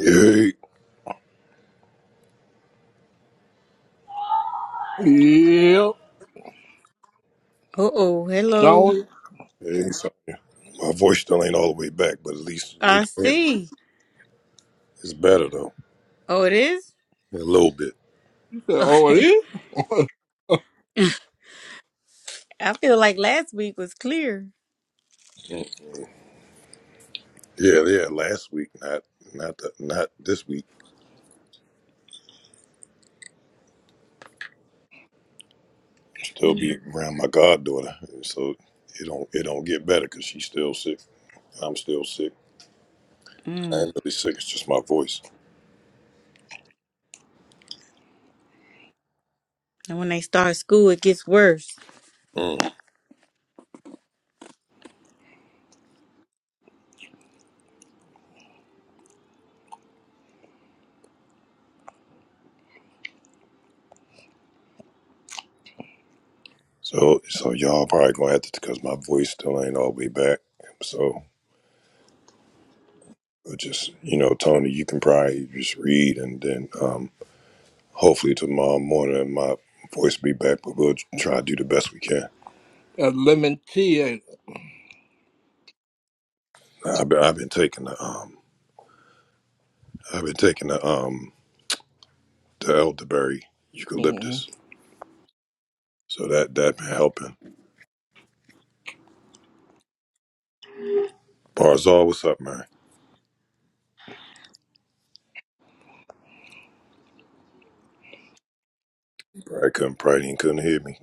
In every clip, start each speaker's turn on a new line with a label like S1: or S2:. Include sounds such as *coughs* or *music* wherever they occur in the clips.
S1: Hey,
S2: Yep.
S3: Uh oh,
S2: No,
S3: hello.
S2: you
S1: hey, so my voice still ain't all the way back, but at least
S3: I
S1: it can hear me.
S3: see.
S1: It's better though,
S3: Oh, it is?
S1: a little bit.
S2: said, oh, it
S3: Okay.
S2: is? *laughs*
S3: *laughs* I feel like last week was clear.
S1: Mm. Yeah, yeah. Last week, not not the, not this week. Still
S3: Mm-mm.
S1: be around my goddaughter, and so it don't it don't get better because she's still sick. I'm still sick. I
S3: And
S1: ain't really sick. It's just my voice.
S3: when they start school, it gets worse.
S1: Mm. So so y'all probably gonna have to because my voice still ain't all the way back. So but just you know, Tony, you can probably just read and then um Hopefully tomorrow morning my voice be back, but we'll try to do the best we can.
S2: That lemon tea. ain't it?
S1: I've been I've been taking the um I've been taking the um the elderberry
S2: Mhm.
S1: eucalyptus, so that that been helping. Barzal, what's up, man? Probably couldn't probably did couldn't hear me.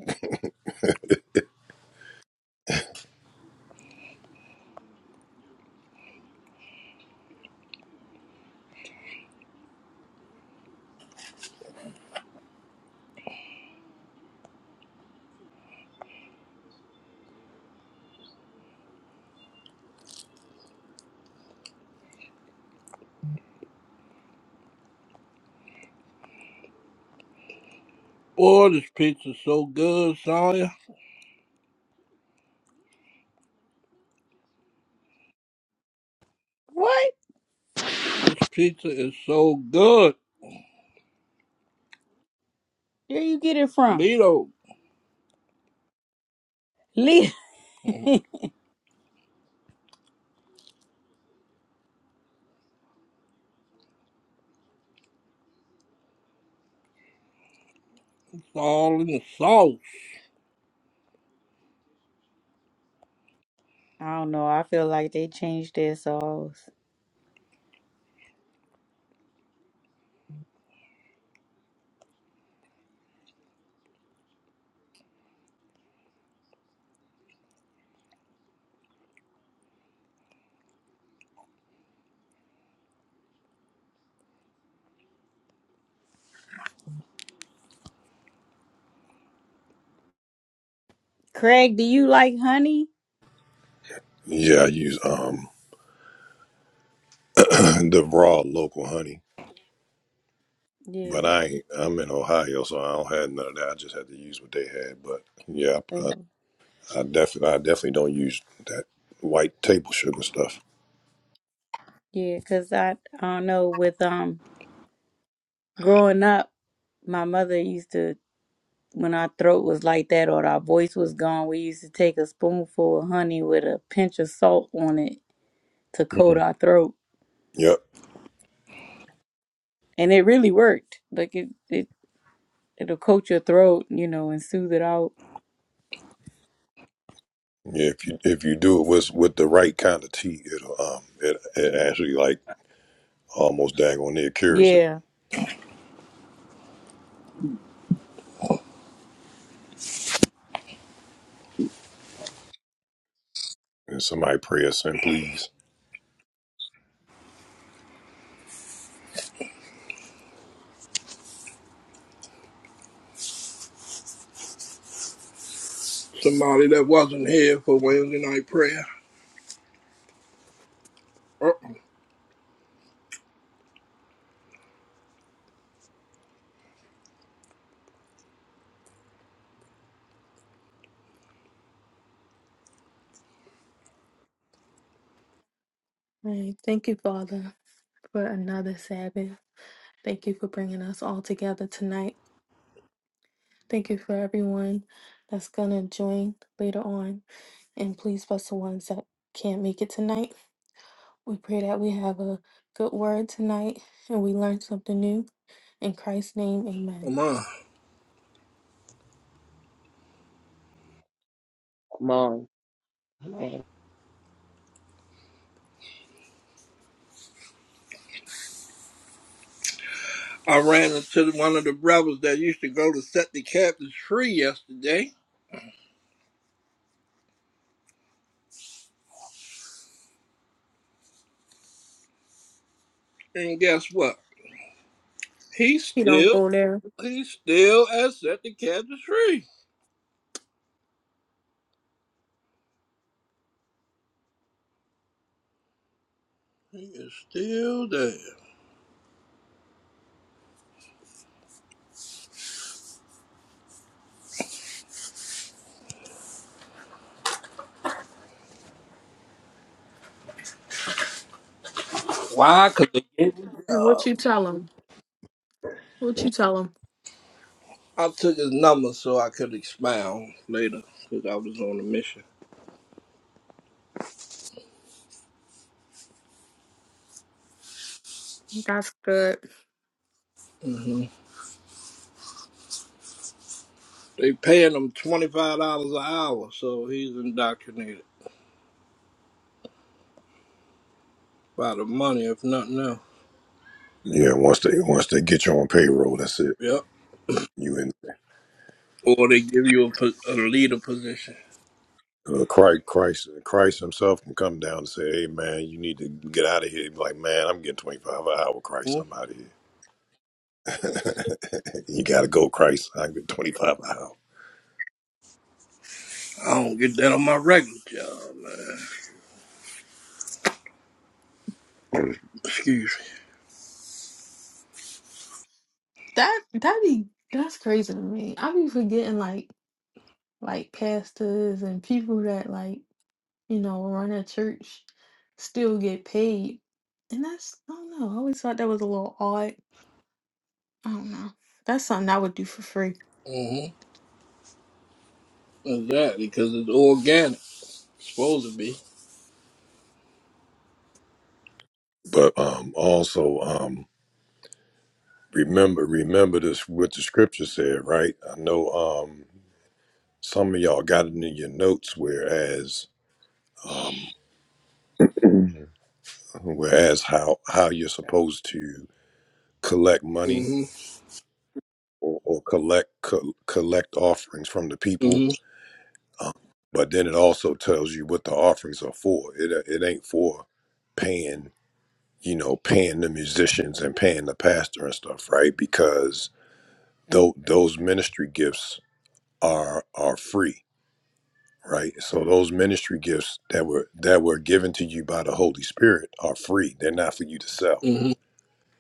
S2: Boy, this pizza's so good, Sonya.
S3: What?
S2: This pizza is so good.
S3: Where you get it from?
S2: Lito.
S3: Leah.
S2: Mhm. It's all in the sauce.
S3: I don't know. I feel like they changed their sauce. Craig, do you like honey?
S1: Yeah, I use um *clears throat* the raw local honey, but
S3: Yeah.
S1: I ain't, I'm in Ohio, so I don't have none of that. I just had to use what they had. But yeah, I,
S3: Oh.
S1: I definitely I definitely don't use that white table sugar stuff.
S3: Yeah, because I, I don't know. With um growing up, my mother used to when our throat was like that or our voice was gone, we used to take a spoonful of honey with a pinch of salt on it to coat
S1: Mhm.
S3: our throat.
S1: Yep.
S3: And it really worked. Like it, it it'll coat your throat, you know, and soothe it out.
S1: Yeah, if you if you do it with with the right kind of tea, it'll um it it actually like almost daggone near cures it.
S3: Yeah.
S1: And somebody pray us in, please.
S2: Somebody that wasn't here for Wednesday night prayer. Oh,
S4: Right. Thank you, Father, for another Sabbath. Thank you for bringing us all together tonight. Thank you for everyone that's going to join later on. And please bless the ones that can't make it tonight. We pray that we have a good word tonight and we learn something new. In Christ's name, amen.
S2: come on.
S5: Come Amen.
S2: I ran into the- one of the brothers that used to go to set the captives free yesterday. And guess what? He's
S4: You don't
S2: still,
S4: go there.
S2: he's still at set the captives free. He is still there. Why? Because
S4: And what you tell him? What you tell him?
S2: I took his number so I could expound later because I was on a mission.
S4: That's good.
S2: hmm They paying him $25 an hour, so he's indoctrinated by the money, if nothing else.
S1: Yeah, once they once they get you on payroll, that's it.
S2: Yep.
S1: You in
S2: Or they give you a, po- a leader position.
S1: uh, Christ Christ Christ Himself can come down and say, "Hey man, you need to get out of here." he be like, "Man, I'm getting 25 an hour, Christ.
S2: Hmm?
S1: I'm out of here. *laughs* you got to go, Christ. I get 25 an hour."
S2: I don't get that on my regular job. Man. *clears throat* Excuse
S4: That that be that's crazy to me. I be forgetting like like pastors and people that like you know, run a church, still get paid. And that's, I don't know. I always thought that was a little odd. I don't know. That's something I would do for free.
S2: me. hmm Exactly, because it's organic. supposed to be.
S1: But um also um remember remember this what the scripture said, right? I know um Some of y'all got it in your notes, whereas, um, Mhm. whereas how how you're supposed to collect money
S2: hmm
S1: or, or collect co- collect offerings from the people,
S2: hmm
S1: um, but then it also tells you what the offerings are for. It it ain't for paying you know paying the musicians and paying the pastor and stuff, right? Because those those ministry gifts are are free right so those ministry gifts that were that were given to you by the holy spirit are free they're not for you to sell
S2: hmm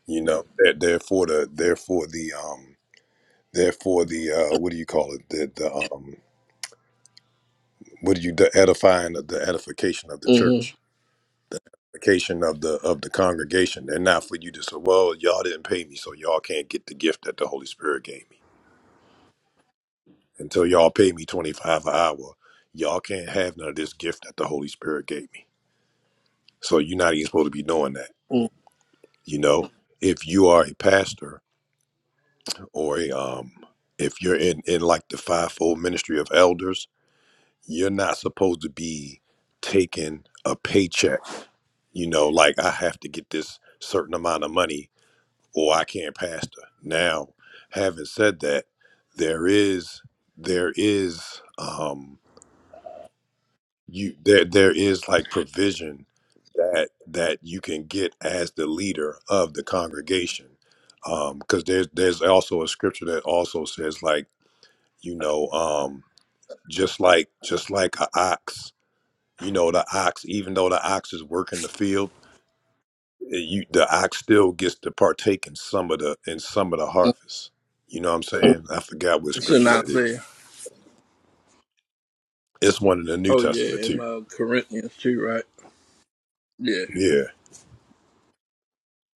S1: you know they're, they're for the they're for the um they're for the uh what do you call it the, the um what do you the edifying of the edification of the
S2: hmm
S1: church the edification of the of the congregation they're not for you to say well y'all didn't pay me so y'all can't get the gift that the holy spirit gave me until y'all pay me 25 an hour y'all can't have none of this gift that the holy spirit gave me so you're not even supposed to be doing that
S2: hmm
S1: You know, if you are a pastor or a, um, if you're in, in like the fivefold ministry of elders, you're not supposed to be taking a paycheck. You know, like I have to get this certain amount of money or I can't pastor. Now, having said that, there is there is um, you there there is like provision that that you can get as the leader of the congregation um because there's there's also a scripture that also says like you know um just like just like a ox you know the ox even though the ox is working the field eh, you the ox still gets to partake in some of the in some of the harvest you know what i'm saying i forgot what
S2: It's in
S1: scripture that is
S2: Isaiah.
S1: it's one in the new
S2: Oh,
S1: testament
S2: yeah, in
S1: too
S2: uh, Corinthians too, right? Yeah.
S1: Yeah.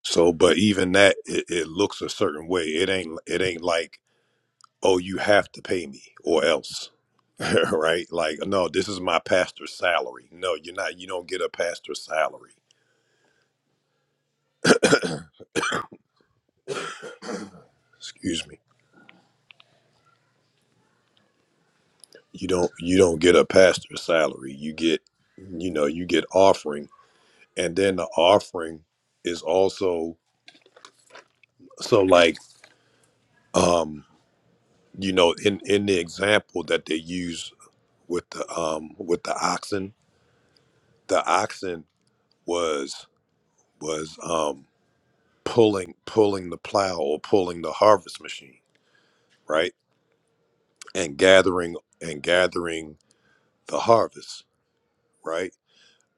S1: So, but even that, it, it looks a certain way. It ain't, it ain't like, oh, you have to pay me or else, *laughs* right? Like, no, this is my pastor's salary. No, you're not. You don't get a pastor's salary. Excuse me. You don't. You don't get a pastor's salary. You get, you know, you get offering, and then the offering is also so like, um, you know, in in the example that they use with the um with the oxen, the oxen was was um, pulling pulling the plow or pulling the harvest machine, right? And gathering and gathering the harvest, right?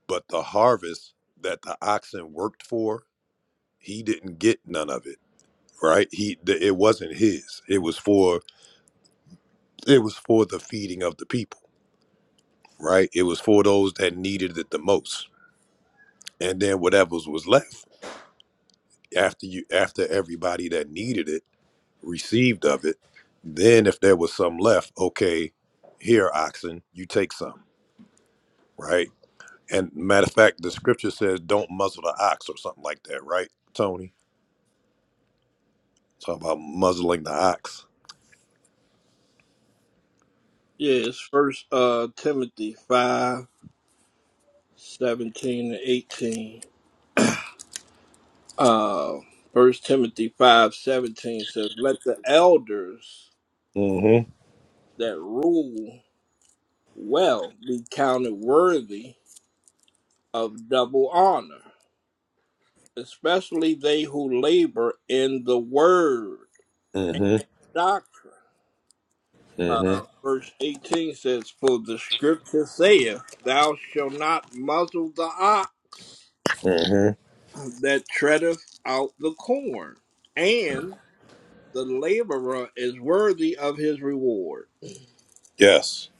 S1: But the harvest that the oxen worked for, he didn't get none of it, right? He th- it wasn't his. It was for it was for the feeding of the people, right? It was for those that needed it the most. And then whatever was left after you after everybody that needed it received of it. Then, if there was some left, okay, here, oxen, you take some, right? And matter of fact, the scripture says, don't muzzle the ox or something like that, right, Tony? Talk about muzzling the ox.
S2: Yeah, it's first uh Timothy five seventeen and eighteen. Uh first Timothy five seventeen says, Let the elders
S1: Mm
S2: that rule well be counted worthy of double honor, especially they who labor in the word
S1: hmm. Mm
S2: and
S1: hmm.
S2: doctrine.
S1: Mm
S2: Uh,
S1: hmm.
S2: verse 18 says, For the scripture saith, Thou shalt not muzzle the ox
S1: Mm hmm.
S2: that treadeth out the corn, and the laborer is worthy of his reward.
S1: Yes.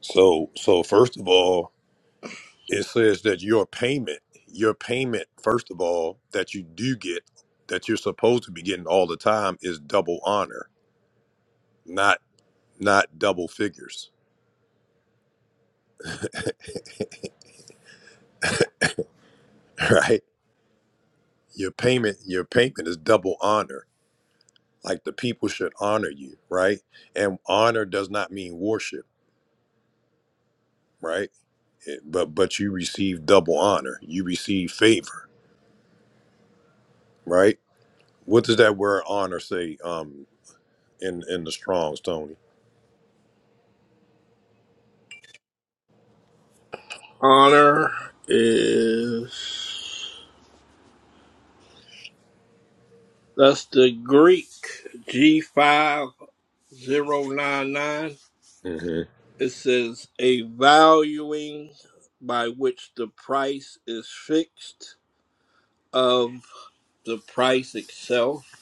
S1: So, so first of all, it says that your payment, your payment, first of all, that you do get, that you're supposed to be getting all the time is double honor, not, not double figures, *laughs* right? your payment your payment is double honor like the people should honor you right and honor does not mean worship right It- but but you receive double honor you receive favor right what does that word honor say um in in the strongs tony
S2: Honor is that's the Greek G five zero nine nine.
S1: hmm
S2: It says a valuing by which the price is fixed of the price itself.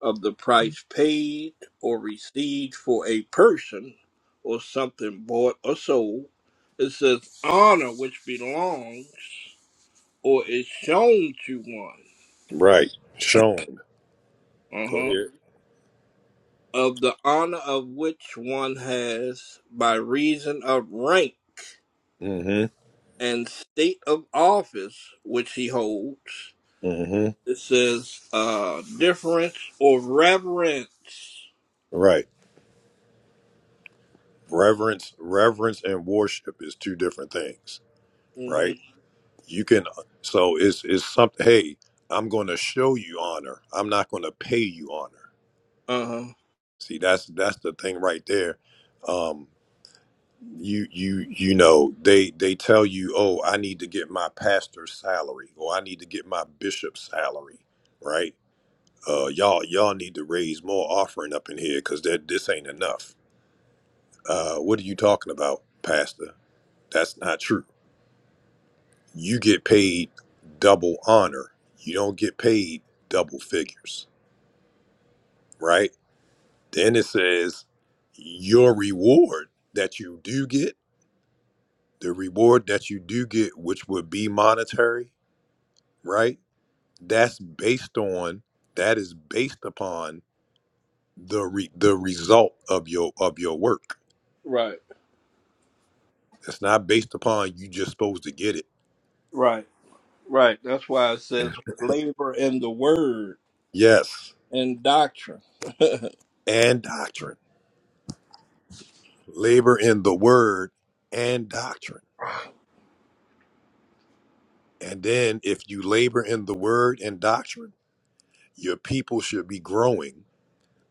S2: of the price paid or received for a person or something bought or sold. It says honor which belongs or is shown to one.
S1: right shown go
S2: Uh-huh.
S1: ahead
S2: Of the honor of which one has by reason of rank
S1: mm-hmm
S2: and state of office which he holds.
S1: mm-hmm
S2: It says uh difference or reverence.
S1: right reverence reverence and worship is two different things
S2: hmm
S1: right You can so it's it's something hey, I'm gonna show you honor. I'm not gonna pay you honor.
S2: Uh-huh.
S1: See that's that's the thing right there. Um you you you know they they tell you oh i need to get my pastor's salary or i need to get my bishop's salary right uh y'all y'all need to raise more offering up in here because that this ain't enough uh what are you talking about pastor that's not true you get paid double honor. You don't get paid double figures, right? Then it says your reward that you do get, the reward that you do get, which would be monetary, right? That's based on that is based upon the re, the result of your of your work.
S2: Right.
S1: It's not based upon you just supposed to get it.
S2: Right. Right. That's why it says
S1: Yeah.
S2: labor in the word
S1: Yes,
S2: and doctrine.
S1: and doctrine, labor in the word and doctrine. And then if you labor in the word and doctrine, your people should be growing.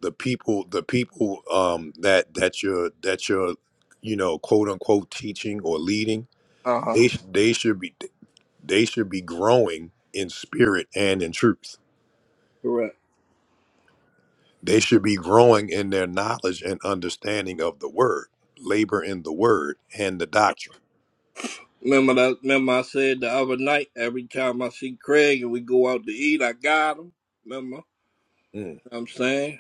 S1: The people, the people um, that that you're that you're, you know, quote unquote teaching or leading,
S2: Uh huh.
S1: they sh- they should be they should be growing in spirit and in truth.
S2: Correct.
S1: They should be growing in their knowledge and understanding of the word, labor in the word and the doctrine.
S2: Remember that? Remember I said the other night. Every time I see Craig and we go out to eat, I got him. Remember? You
S1: Mm,
S2: know what I'm saying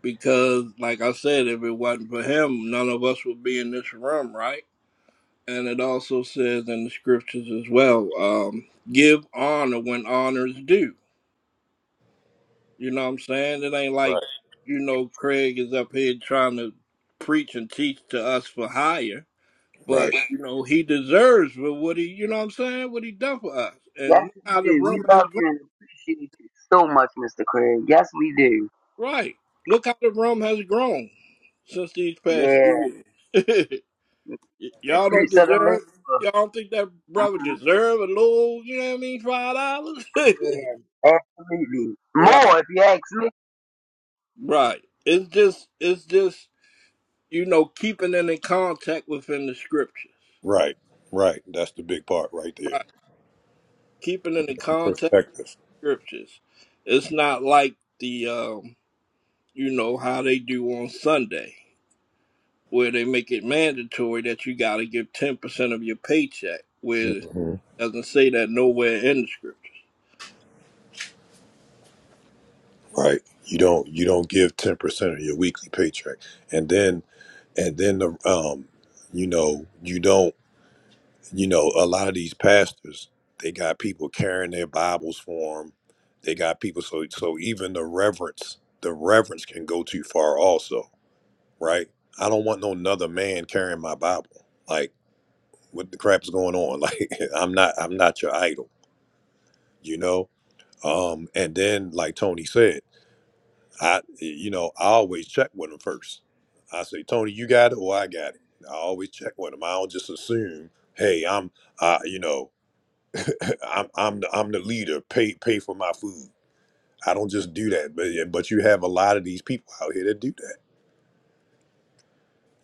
S2: because, like I said, if it wasn't for him, none of us would be in this room, right? And it also says in the scriptures as well, um, give honor when honor is due. You know what I'm saying? It ain't like,
S1: right,
S2: you know, Craig is up here trying to preach and teach to us for hire. But,
S1: right,
S2: you know, he deserves for what he, you know what I'm saying? What he done for us. And
S6: Yes,
S2: look
S6: we
S2: how the
S6: do. We
S2: room has
S6: love
S2: grown.
S6: you and appreciate you so much, Mr. Craig. Yes, we do.
S2: Right. Look how the room has grown since these past
S6: Yeah.
S2: few years. *laughs* Y-
S6: The
S2: y'all don't
S6: fruits of the
S2: deserve,
S6: labor.
S2: y'all don't think that brother
S6: hmm
S2: deserve a little, you know what I mean, five dollars? *laughs*
S6: Yeah, absolutely.
S2: right,
S6: More, if you ask me.
S2: right. It's just, it's just, you know, keeping it in contact within the scripture.
S1: right, right. That's the big part right
S2: Right.
S1: there.
S2: Keep it in the context
S1: Perspective.
S2: of scriptures. It's not like the um, you know, how they do on Sunday, where they make it mandatory that you gotta give ten percent of your paycheck, where it
S1: Mm-hmm.
S2: doesn't say that nowhere in the scriptures.
S1: right? You don't you don't give ten percent of your weekly paycheck, and then and then the um, you know you don't you know a lot of these pastors they got people carrying their Bibles for them. They got people so so even the reverence the reverence can go too far also, right? I don't want no another man carrying my Bible. Like what the crap is going on? *laughs* Like I'm not I'm not your idol, you know. Um, and then like Tony said. I, you know, I always check with them first. I say, Tony, you got it, or I got it. I always check with them. I don't just assume, hey, I'm, uh, you know, *laughs* I'm, I'm, the, I'm the leader. Pay, pay for my food. I don't just do that. But, yeah, but you have a lot of these people out here that do that.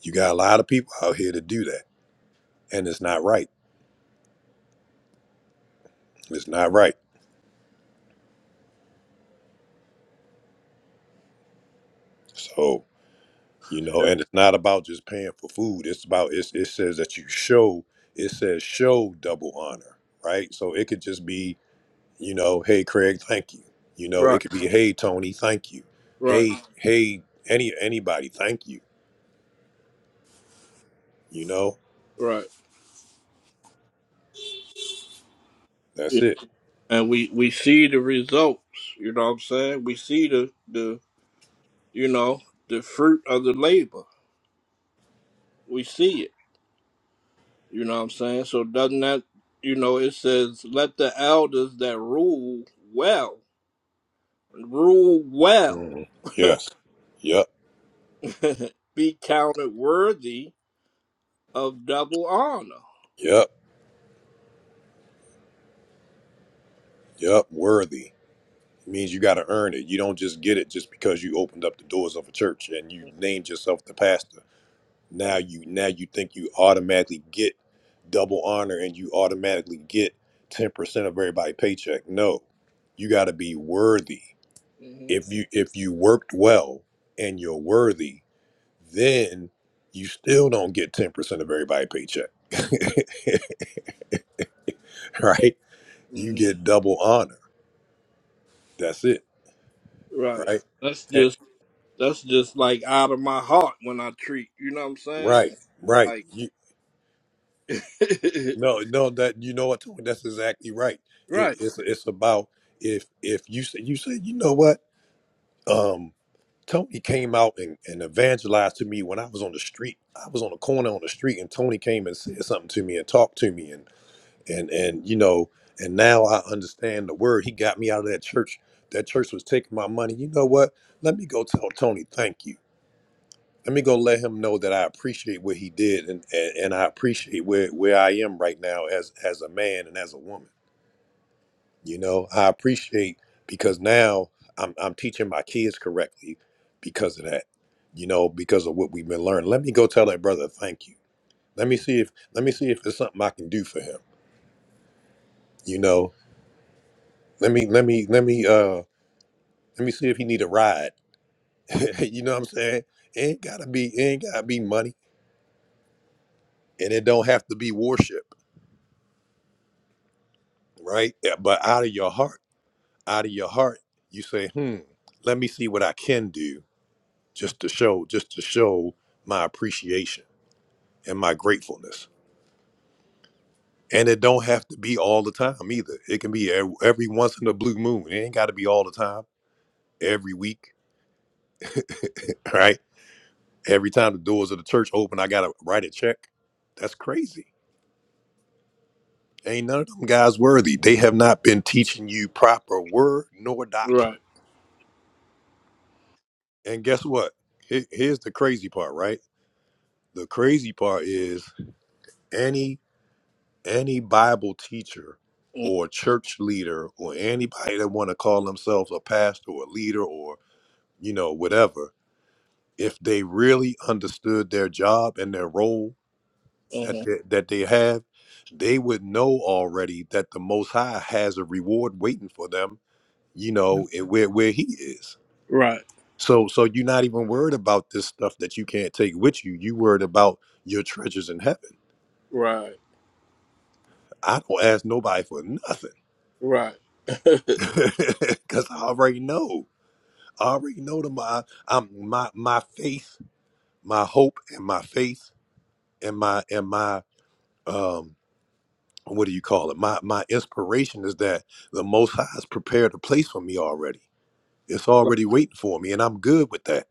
S1: You got a lot of people out here that do that, and it's not right. It's not right. So, you know,
S2: Yeah.
S1: and it's not about just paying for food. It's about it's, it says that you show. It says show double honor, right? So it could just be You know, hey Craig, thank you. You know, it
S2: Right.
S1: could be hey Tony, thank you.
S2: Right,
S1: Hey, hey, any anybody, thank you. You know,
S2: right. Yeah.
S1: that's it.
S2: And we, we see the results, you know what I'm saying? We see the, the you know, the fruit of the labor. We see it. You know what I'm saying? So doesn't that you know it says let the elders that rule well rule well
S1: Mhm. Yes. Yep.
S2: *laughs* be counted worthy of double honor.
S1: Yep. Yep. Worthy it means you got to earn it. You don't just get it just because you opened up the doors of a church and you named yourself the pastor. Now you now you think you automatically get double honor and you automatically get ten percent of everybody's paycheck. No, you got to be worthy.
S2: hmm
S1: if you if you worked well and you're worthy, then you still don't get ten percent of everybody's paycheck, *laughs* right? You
S2: hmm
S1: get double honor. That's it,
S2: Right.
S1: right?
S2: That's
S1: And-
S2: just that's just like out of my heart when I treat. You know what I'm saying?
S1: right, right.
S2: Like
S1: You
S2: *laughs*
S1: no, no. That you know what? Tony, That's exactly right. It,
S2: right,
S1: it's it's about if if you say you say you know what? Um, Tony came out and, and evangelized to me when I was on the street. I was on the corner on the street, and Tony came and said something to me and talked to me, and and you know and now i understand the word he got me out of that church that church was taking my money you know what let me go tell tony thank you let me go let him know that i appreciate what he did and and, and i appreciate where where i am right now as as a man and as a woman you know i appreciate because now i'm i'm teaching my kids correctly because of that you know because of what we've been learning let me go tell that brother thank you let me see if let me see if there's something i can do for him you know let me let me let me uh Let me see if he need a ride. *laughs* you know what I'm saying? ain't gotta be ain't gotta be money. And it don't have to be worship, right? Yeah, But out of your heart, out of your heart, you say, hmm, let me see what I can do just to show, just to show my appreciation and my gratefulness. And it don't have to be all the time either. It can be ev- every once in a blue moon. It ain't gotta be all the time, every week, *laughs* right? Every time the doors of the church open, I gotta write a check. That's crazy Ain't none of them guys worthy. They have not been teaching you proper word nor
S2: right,
S1: doctrine. And guess what? Here- Here's the crazy part, right? The crazy part is any any Bible teacher or church leader or anybody that want to call themselves a pastor or a leader or you know whatever, if they really understood their job and their role
S2: hmm
S1: that they, that they have, they would know already that the Most High has a reward waiting for them you know, and where where he is.
S2: right,
S1: So so you're not even worried about this stuff that you can't take with you. You worried about your treasures in heaven.
S2: right,
S1: I don't ask nobody for nothing
S2: right.
S1: *laughs* because I already know. I already know that my I'm my my faith, my hope, and my faith, and my and my um what do you call it? My my inspiration is that the Most High has prepared a place for me already. It's
S2: *laughs*
S1: already waiting for me, and I'm good with that.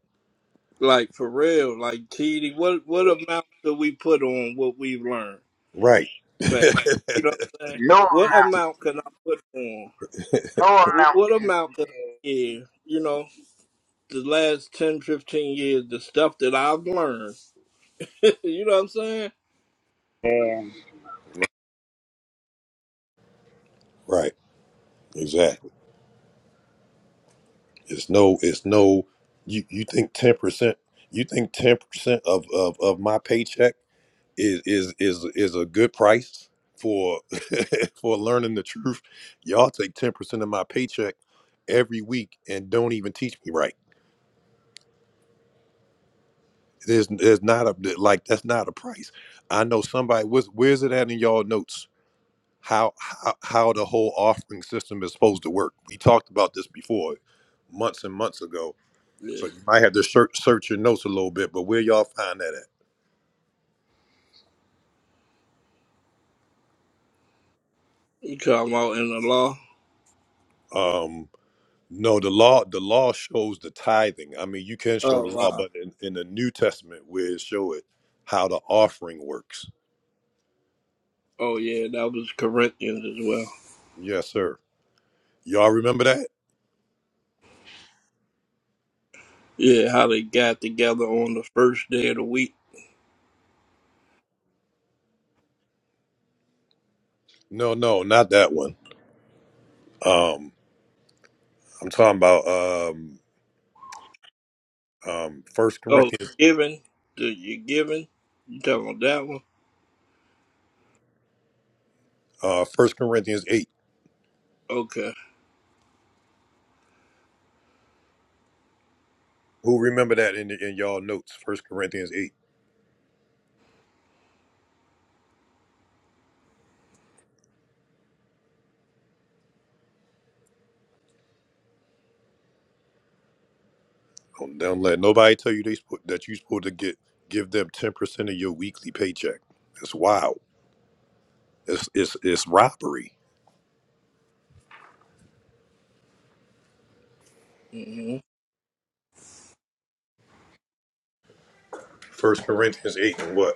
S2: Like for real, like TD, what what
S6: Yeah.
S2: amount do we put on what we've learned?
S1: Right,
S2: Fact, You know what I'm saying?
S6: No,
S2: What amount can I put on?
S6: no
S2: What,
S6: amount
S2: what
S6: can
S2: amount can I
S6: compare.
S2: give? You know, the last 10 15 years, the stuff that I've learned. *laughs* you know what I'm saying?
S6: Yeah.
S1: right, exactly. It's no, it's no. You you think ten percent? You think ten percent of, of of my paycheck is is is is a good price for *laughs* for learning the truth? Y'all take ten percent of my paycheck every week and don't even teach me right. There's there's not a like that's not a price. I know somebody. Where's where's it at in y'all notes? How how how the whole offering system is supposed to work? We talked about this before, months and months ago So
S2: Yeah.
S1: you might have to search, search your notes a little bit, but where y'all find that
S2: You talking about in the law?
S1: at? Um, no, the law the law shows the tithing. I mean, you can show
S2: Oh,
S1: the law,
S2: wow.
S1: but in, in the New Testament, where it show it how the offering works.
S2: Oh, yeah, that was Corinthians as well.
S1: Yes, sir. Y'all remember that?
S2: Yeah, how they got together on the first day of the week.
S1: No, no, not that one. Um, I'm talking about um, um, First
S2: Oh,
S1: Corinthians,
S2: giving? Do you giving? You talking about that one?
S1: uh, First Corinthians eight.
S2: Okay.
S1: Who remember that in, in y'all notes? First Corinthians eight. Don't, don't let nobody tell you they spo- that you're supposed to get give them ten percent of your weekly paycheck. It's wild. It's it's it's robbery.
S2: Mm-hmm.
S1: First Corinthians eight and what?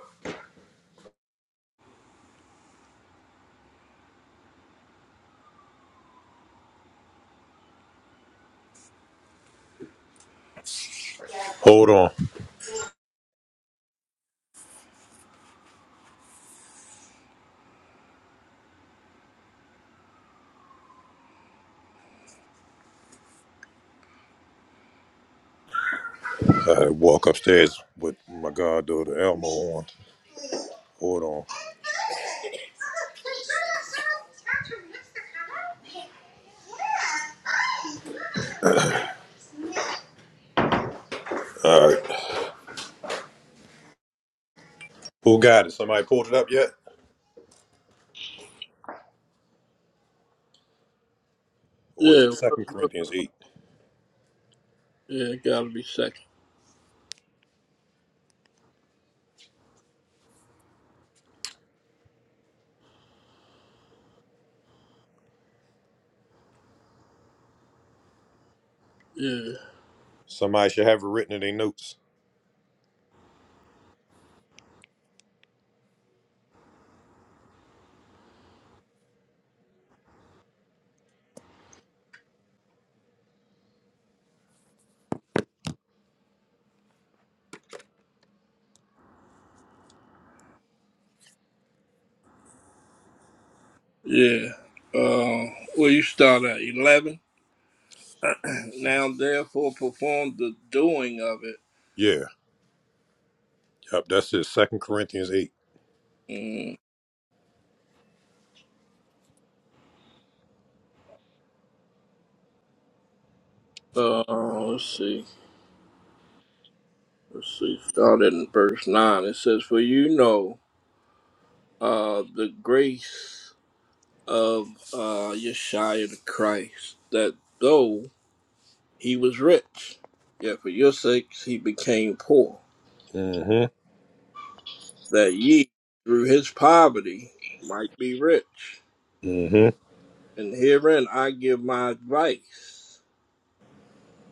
S1: Hold on. I walk upstairs with my goddaughter Elmo on. Hold on. All right. Who got it? Somebody pulled it up yet? Or is
S2: Yeah,
S1: it
S2: what,
S1: Second
S2: what,
S1: Corinthians eight?
S2: yeah, it gotta be second. Yeah,
S1: Somebody should have it written in their notes.
S2: yeah. Uh, well, you start at eleven. Now, therefore, perform the doing of it.
S1: Yeah. Yep, that's it. Second Corinthians eight.
S2: Mm. Uh, let's see. Let's see. Start in verse nine. It says, "For you know, uh, the grace of uh Yeshua the Christ, that though he was rich, yet for your sakes he became poor,
S1: Mm-hmm.
S2: that ye through his poverty might be rich."
S1: Mm-hmm.
S2: And herein I give my advice,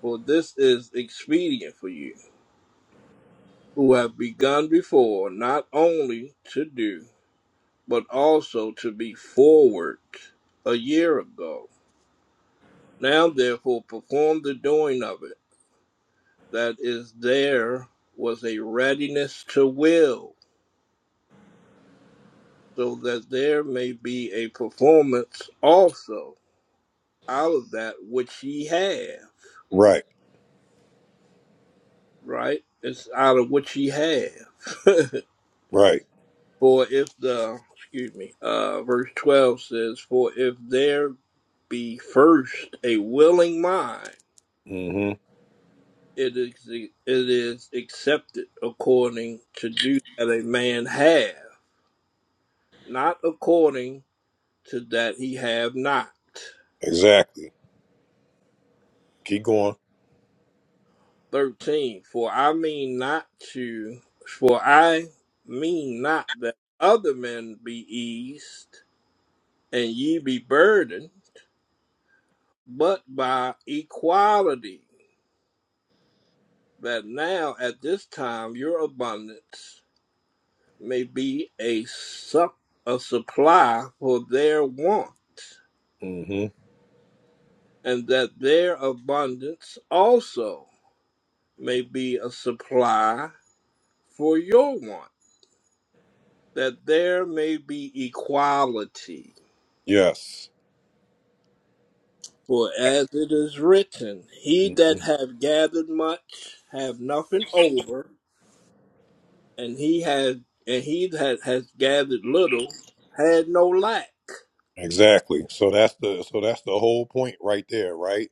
S2: for this is expedient for you, who have begun before not only to do, but also to be forward a year ago. Now therefore perform the doing of it, that is, there was a readiness to will, so that there may be a performance also out of that which ye have,
S1: Right.
S2: right? It's out of what ye have. *laughs*
S1: Right.
S2: For if the excuse me, uh, verse twelve says, "For if there be first a willing mind,
S1: Mm-hmm.
S2: it is it is accepted according to do that a man have, not according to that he have not."
S1: Exactly. Keep going.
S2: Thirteen. For I mean not to, for I mean not that other men be eased and ye be burdened, but by equality But now at this time your abundance may be a, sup- a supply for their want,
S1: Mm-hmm.
S2: and that their abundance also may be a supply for your want, that there may be equality.
S1: Yes.
S2: For as it is written, he
S1: hmm
S2: that hath gathered much have nothing over, and he had and he that has gathered little had no lack.
S1: Exactly. So that's the so that's the whole point right there, right?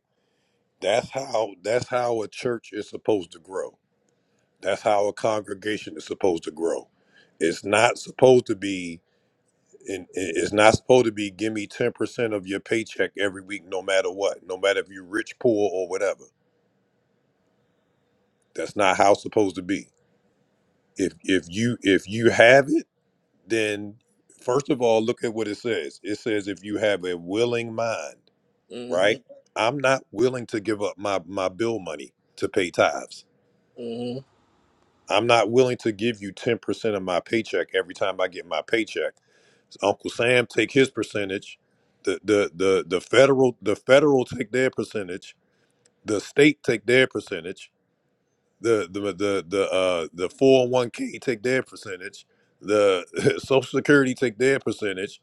S1: That's how that's how a church is supposed to grow. That's how a congregation is supposed to grow. It's not supposed to be and it's not supposed to be give me 10% of your paycheck every week no matter what, no matter if you're rich, poor or whatever. That's not how it's supposed to be. if if you if you have it then first of all look at what it says it says if you have a willing mind
S2: Mm-hmm.
S1: right i'm not willing to give up my my bill money to pay tithes
S2: hmm
S1: i'm not willing to give you 10% of my paycheck every time i get my paycheck uncle sam take his percentage the the the, the federal the federal take their percentage the state take their percentage the the the the uh the 401k take their percentage the *laughs* social security take their percentage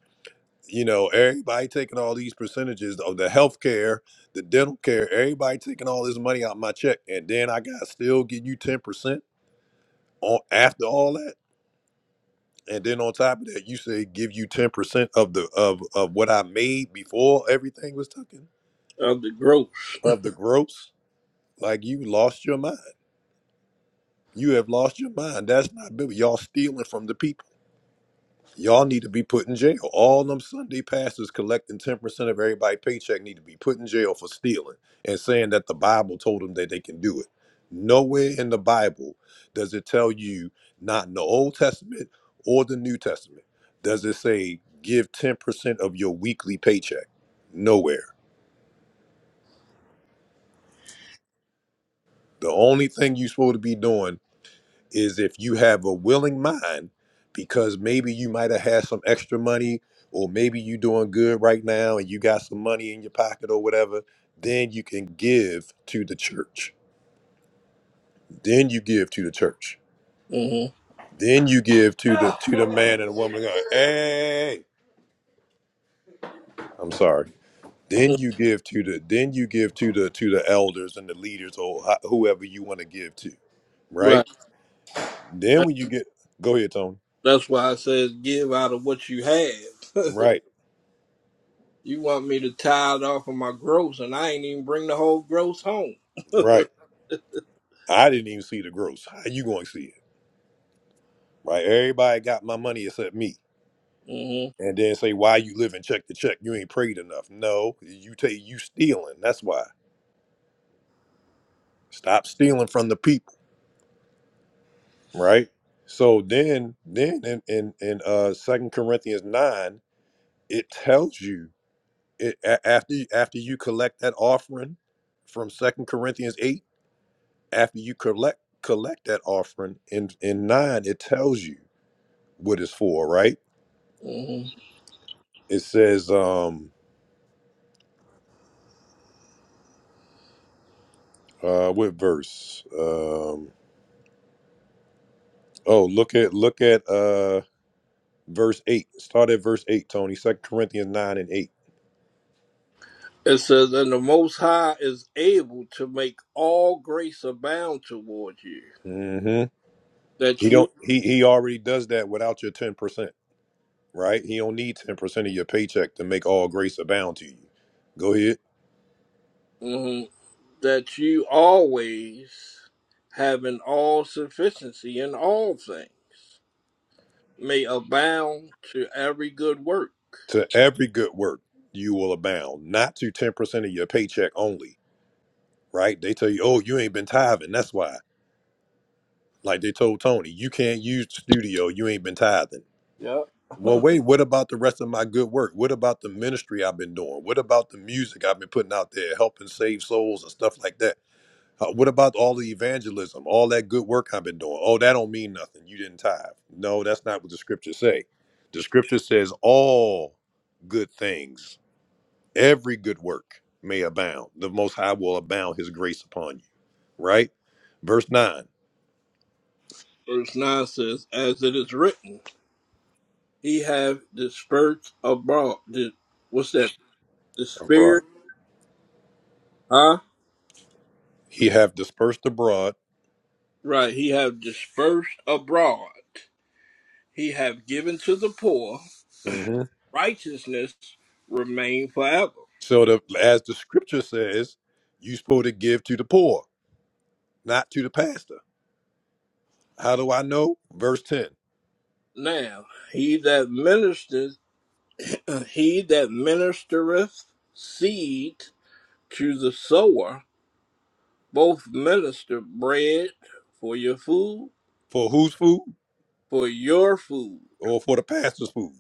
S1: you know everybody taking all these percentages of the health care the dental care everybody taking all this money out my check and then i gotta still give you 10% on after all that and then on top of that you say give you 10% of the of of what i made before everything was taken
S2: Of the growth.
S1: of the gross like you lost your mind you have lost your mind that's not biblical y'all stealing from the people Y'all need to be put in jail. All them Sunday pastors collecting 10% of everybody's paycheck need to be put in jail for stealing and saying that the Bible told them that they can do it. Nowhere in the Bible does it tell you, not in the Old Testament or the New Testament, does it say give 10% of your weekly paycheck. Nowhere. The only thing you're supposed to be doing is if you have a willing mind because maybe you might have had some extra money or maybe you are doing good right now and you got some money in your pocket or whatever then you can give to the church then you give to the church
S2: hmm
S1: then you give to the to the man and woman uh, hey i'm sorry then you give to the then you give to the to the elders and the leaders or ho- whoever you want to give to right
S2: Right.
S1: then
S2: That,
S1: when you get go ahead tony
S2: that's why I says give out of what you have.
S1: right
S2: *laughs* you want me to tithe off of my gross, and I ain't even bring the whole gross home. *laughs*
S1: right I didn't even see the gross. How you going to see it? Right? Everybody got my money except me.
S2: hmm
S1: And then say, why you living check to check? You ain't prayed enough. No, you take you stealing. That's why. Stop stealing from the people. Right? So then, then in in, in uh Second Corinthians nine, it tells you it a- after you- after you collect that offering from Second Corinthians eight. After you collect collect that offering in in nine, it tells you what it's for. Right?
S2: hmm
S1: It says, um, Uh, what verse? Um, oh, look at look at uh verse eight. Start at verse eight, Tony. Second Corinthians nine and 8
S2: It says, and the Most High is able to make all grace abound toward you,
S1: Mm-hmm.
S2: that
S1: He
S2: you
S1: don't. He he already does that without your ten percent, right? He don't need ten percent of your paycheck to make all grace abound to you. Go ahead.
S2: mhm, that you always having all sufficiency in all things may abound to every good work.
S1: To every good work you will abound, not to ten percent of your paycheck only, right? They tell you, oh, you ain't been tithing. That's why. Like they told Tony, you can't use the studio. You ain't been tithing.
S2: Yeah.
S1: Well, wait, what about the rest of my good work? What about the ministry I've been doing? What about the music I've been putting out there, helping save souls and stuff like that? Uh, what about all the evangelism, all that good work I've been doing? Oh, that don't mean nothing. You didn't tithe. No, that's not what the scriptures say. The scripture says all good things, every good work may abound. The Most High will abound His grace upon you, right? Verse 9,
S2: Verse 9 says, As it is written, he have dispersed abroad. Di- What's that? The
S1: abroad.
S2: spirit, Huh?
S1: He have dispersed abroad.
S2: Right. He have dispersed abroad. He have given to the poor.
S1: Mm-hmm.
S2: Righteousness remain forever.
S1: So the as the scripture says, you are supposed to give to the poor, not to the pastor. How do I know? Verse 10.
S2: Now, he that ministereth, *clears throat* he that ministereth seed to the sower, both minister bread for your food,
S1: For whose food?
S2: for your food.
S1: Or for the pastor's food.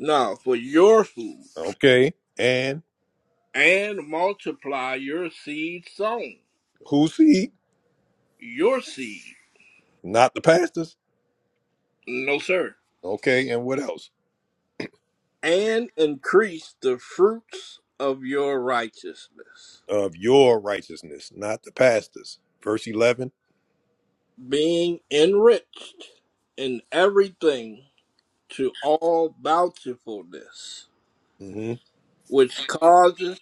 S2: No, for your food
S1: Okay. And
S2: and multiply your seed sown,
S1: whose seed?
S2: your seed,
S1: Not the pastor's.
S2: no sir,
S1: Okay. And what else?
S2: and increase the fruits of your righteousness,
S1: Of your righteousness, not the pastor's. Verse 11.
S2: being enriched in everything to all bountifulness,
S1: hmm
S2: which causes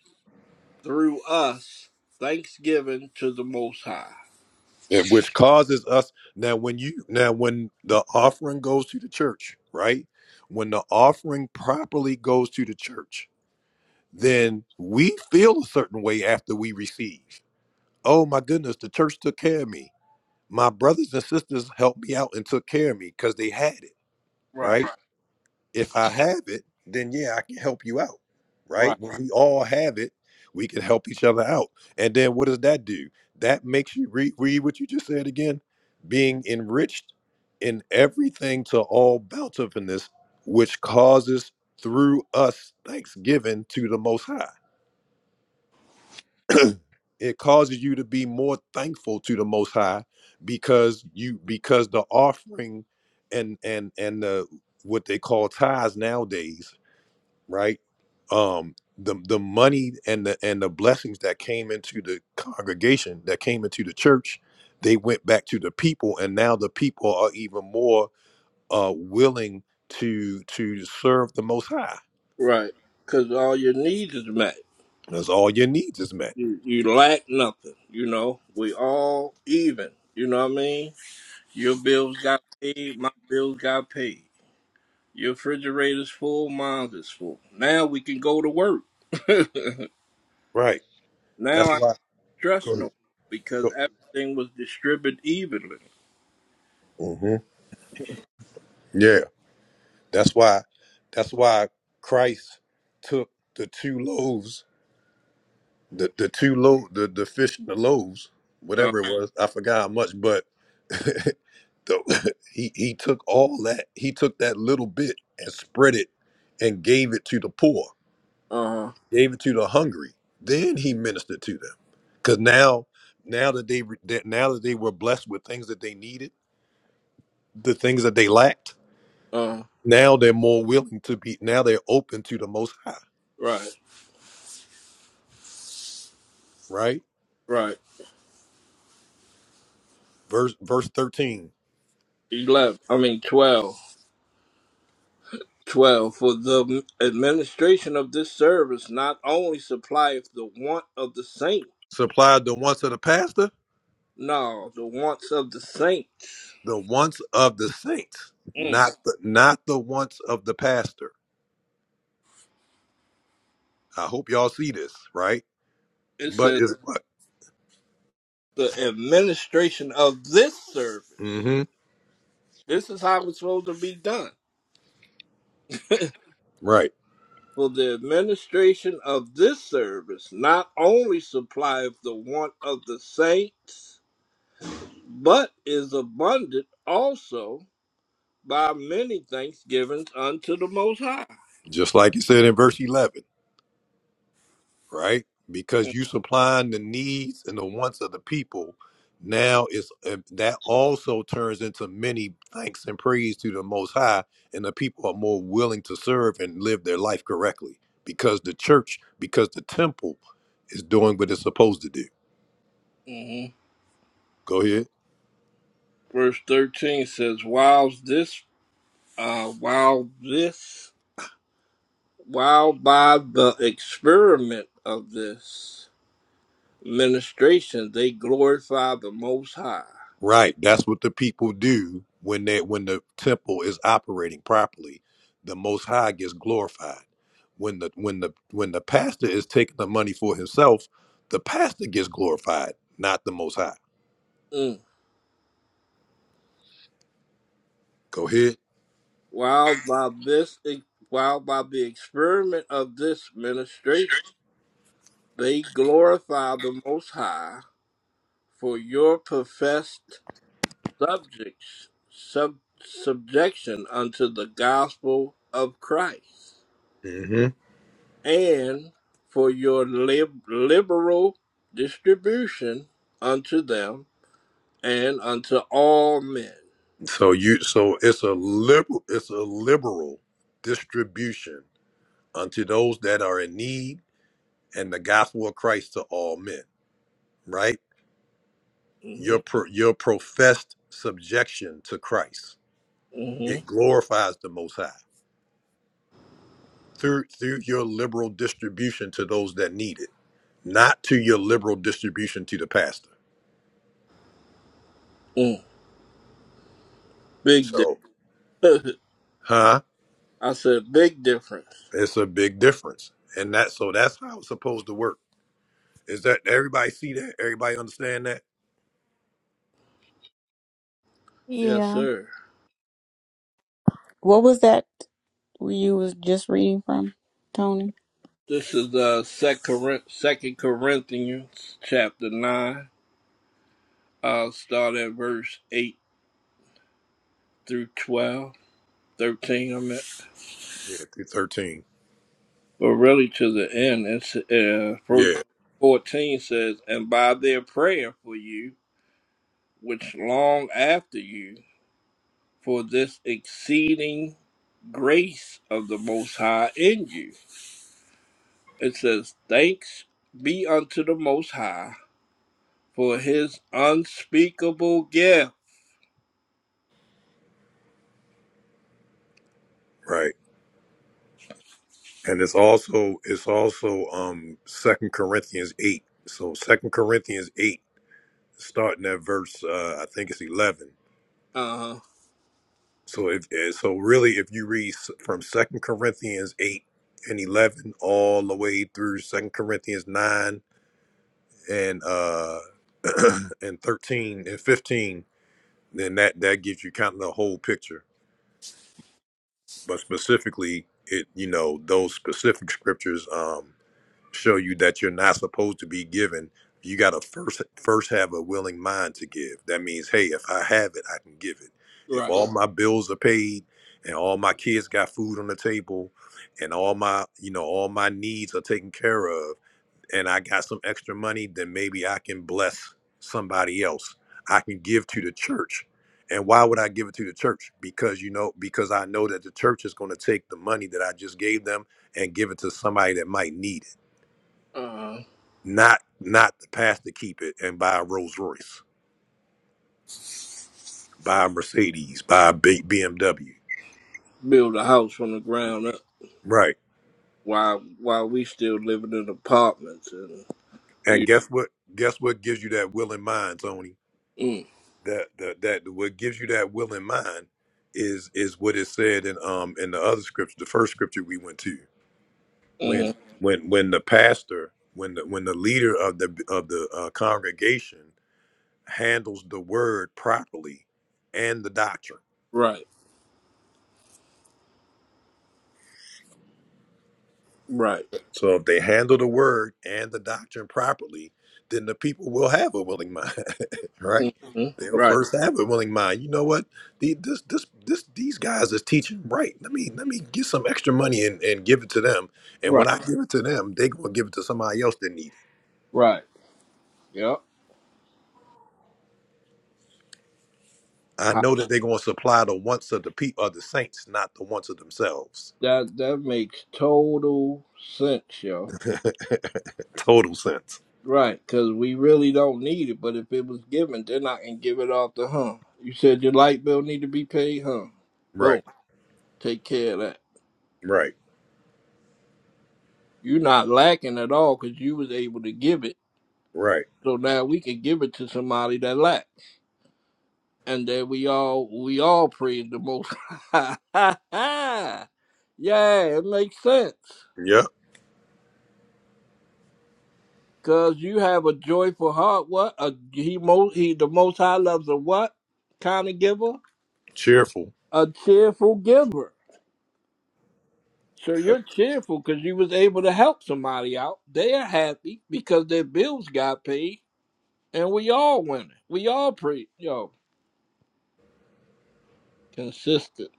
S2: through us thanksgiving to the Most High.
S1: which causes us now when you now when the offering goes to the church, right? When the offering properly goes to the church, then we feel a certain way after we receive. Oh my goodness, the church took care of me. My brothers and sisters helped me out and took care of me because they had it, right?
S2: Right,
S1: Right. If I have it, then yeah, I can help you out,
S2: right,
S1: right? When we all have it, we can help each other out. And then what does that do? That makes you re- read what you just said again being enriched in everything to all bountifulness, which causes through us thanksgiving to the Most High *clears throat* it causes you to be more thankful to the most high because you because the offering and and and the what they call tithes nowadays right um the the money and the and the blessings that came into the congregation that came into the church they went back to the people and now the people are even more uh willing to to serve the most high
S2: Right, because all your needs is met.
S1: that's all your needs is met
S2: You you lack nothing. You know, we all even. You know what I mean? Your bills got paid, my bills got paid. Your refrigerator's full, mine is full. Now we can go to work.
S1: right
S2: Now
S1: that's
S2: I don't
S1: why go
S2: stress no more
S1: ahead
S2: because
S1: Go-
S2: everything was distributed evenly.
S1: Mhm. Yeah. That's why that's why Christ took the two loaves, the, the two lo, the, the fish and the loaves,
S2: Uh
S1: whatever it was, I forgot how much, but the, *laughs* he he took all that, he took that little bit and spread it and gave it to the poor,
S2: uh
S1: gave it to the hungry. Then he ministered to them. Cause now now that they re- that now that they were blessed with things that they needed, the things that they lacked,
S2: uh
S1: now they're more willing to be now they're open to the most high,
S2: right
S1: right?
S2: right.
S1: Verse verse 13.
S2: Eleven. I mean twelve. Twelve. For the administration of this service not only supplieth the want of the saint,
S1: Supply the wants of the pastor,
S2: no, the wants of the saints.
S1: the wants of the saints,
S2: Mm.
S1: not the not the wants of the pastor. I hope y'all see this, right?
S2: It
S1: But
S2: says
S1: is
S2: the administration of this service.
S1: hmm
S2: This is how it's supposed to be done.
S1: right.
S2: For the administration of this service not only supplieth the want of the saints, but is abundant also by many thanksgivings unto the Most High.
S1: Just like it said in verse 11. right? Because you supplying the needs and the wants of the people. Now it's uh, that also turns into many thanks and praise to the Most High, and the people are more willing to serve and live their life correctly because the church, because the temple, is doing what it's supposed to do.
S2: Mhm.
S1: Go ahead.
S2: Verse 13 says, While this, uh, while this, while by the experiment of this ministration they glorify the Most High.
S1: Right. That's what the people do when they when the temple is operating properly. The most high gets glorified. When the when the when the pastor is taking the money for himself, the pastor gets glorified, not the most high.
S2: Mm.
S1: Go ahead.
S2: While by this, e, while by the experiment of this ministry, they glorify the Most High for your professed subjects sub, subjection unto the gospel of Christ,
S1: hmm
S2: and for your lib, liberal distribution unto them and unto all men.
S1: So you so it's a liberal it's a liberal distribution unto those that are in need and the gospel of Christ to all men, right?
S2: hmm
S1: Your pro, your professed subjection to Christ.
S2: hmm
S1: It glorifies the Most High through through your liberal distribution to those that need it, not to your liberal distribution to the pastor.
S2: Mm. Big,
S1: So,
S2: difference.
S1: huh?
S2: *laughs* I said, big difference.
S1: It's a big difference, and that so that's how it's supposed to work. Is that everybody see that? Everybody understand that?
S2: Yes,
S4: Yeah,
S2: sir.
S3: What was that you was just reading from, Tony?
S2: This is uh, Second Corinthians chapter 9. I'll start at verse 8 through 12, 13. I meant.
S1: Yeah, through thirteen.
S2: But really to the end, it's uh,
S1: Yeah,
S2: 14 says, And by their prayer for you, which long after you, for this exceeding grace of the Most High in you. It says, Thanks be unto the Most High for his unspeakable gift.
S1: right. And it's also it's also um Second Corinthians eight. So Second Corinthians eight, starting at verse uh I think it's eleven.
S2: Uh-huh.
S1: So if eh, so, really, if you read s- from Second Corinthians eight and eleven all the way through Second Corinthians nine and uh *clears throat* and thirteen and fifteen, then that that gives you kind of the whole picture. But specifically, it you know those specific scriptures. Um, show you that you're not supposed to be given. You got to first first have a willing mind to give. That means, hey, if I have it, I can give it.
S2: Right.
S1: If all my bills are paid and all my kids got food on the table and all my, you know, all my needs are taken care of and I got some extra money, then maybe I can bless somebody else. I can give to the church. And why would I give it to the church? Because you know, because I know that the church is going to take the money that I just gave them and give it to somebody that might need it
S2: uh,
S1: not not the path to keep it and buy a Rolls Royce, buy a Mercedes, buy a big BMW.
S2: build a house from the ground up
S1: Right.
S2: while while we still living in apartments and
S1: And
S2: you
S1: guess what? Guess what gives you that will and mind, Tony?
S2: mm,
S1: That that that what gives you that will and mind is is what is said in um in the other scripture, the first scripture we went to
S2: mm,
S1: when when when the pastor when the when the leader of the of the uh, congregation handles the word properly and the doctrine.
S2: right right
S1: So if they handle the word and the doctrine properly, then the people will have a willing mind, *laughs* right?
S2: mm, mm,
S1: They'll
S2: right
S1: first have a willing mind. You know what? The, this, this, this, these guys is teaching right. Let me let me get some extra money and, and give it to them. And when
S2: right
S1: I give it to them, they gonna give it to somebody else that need it.
S2: right yep
S1: I
S2: Ha-
S1: know that they're gonna supply the wants of the people of the saints, not the wants of themselves.
S2: that that makes total sense yo
S1: *laughs* Total sense.
S2: right because we really don't need it but if it was given then I can give it off to huh you said your light bill need to be paid huh boom
S1: Right.
S2: take care of that
S1: Right.
S2: you're not lacking at all because you was able to give it
S1: Right.
S2: so now we can give it to somebody that lacks and that we all we all praise the most high. *laughs* yeah, it makes sense.
S1: Yep.
S2: Cause you have a joyful heart. What a, he most he the most high loves a what kind of giver?
S1: Cheerful.
S2: A cheerful giver. So you're cheerful because you was able to help somebody out. They are happy because their bills got paid, and we all winning. We all pre yo consistent.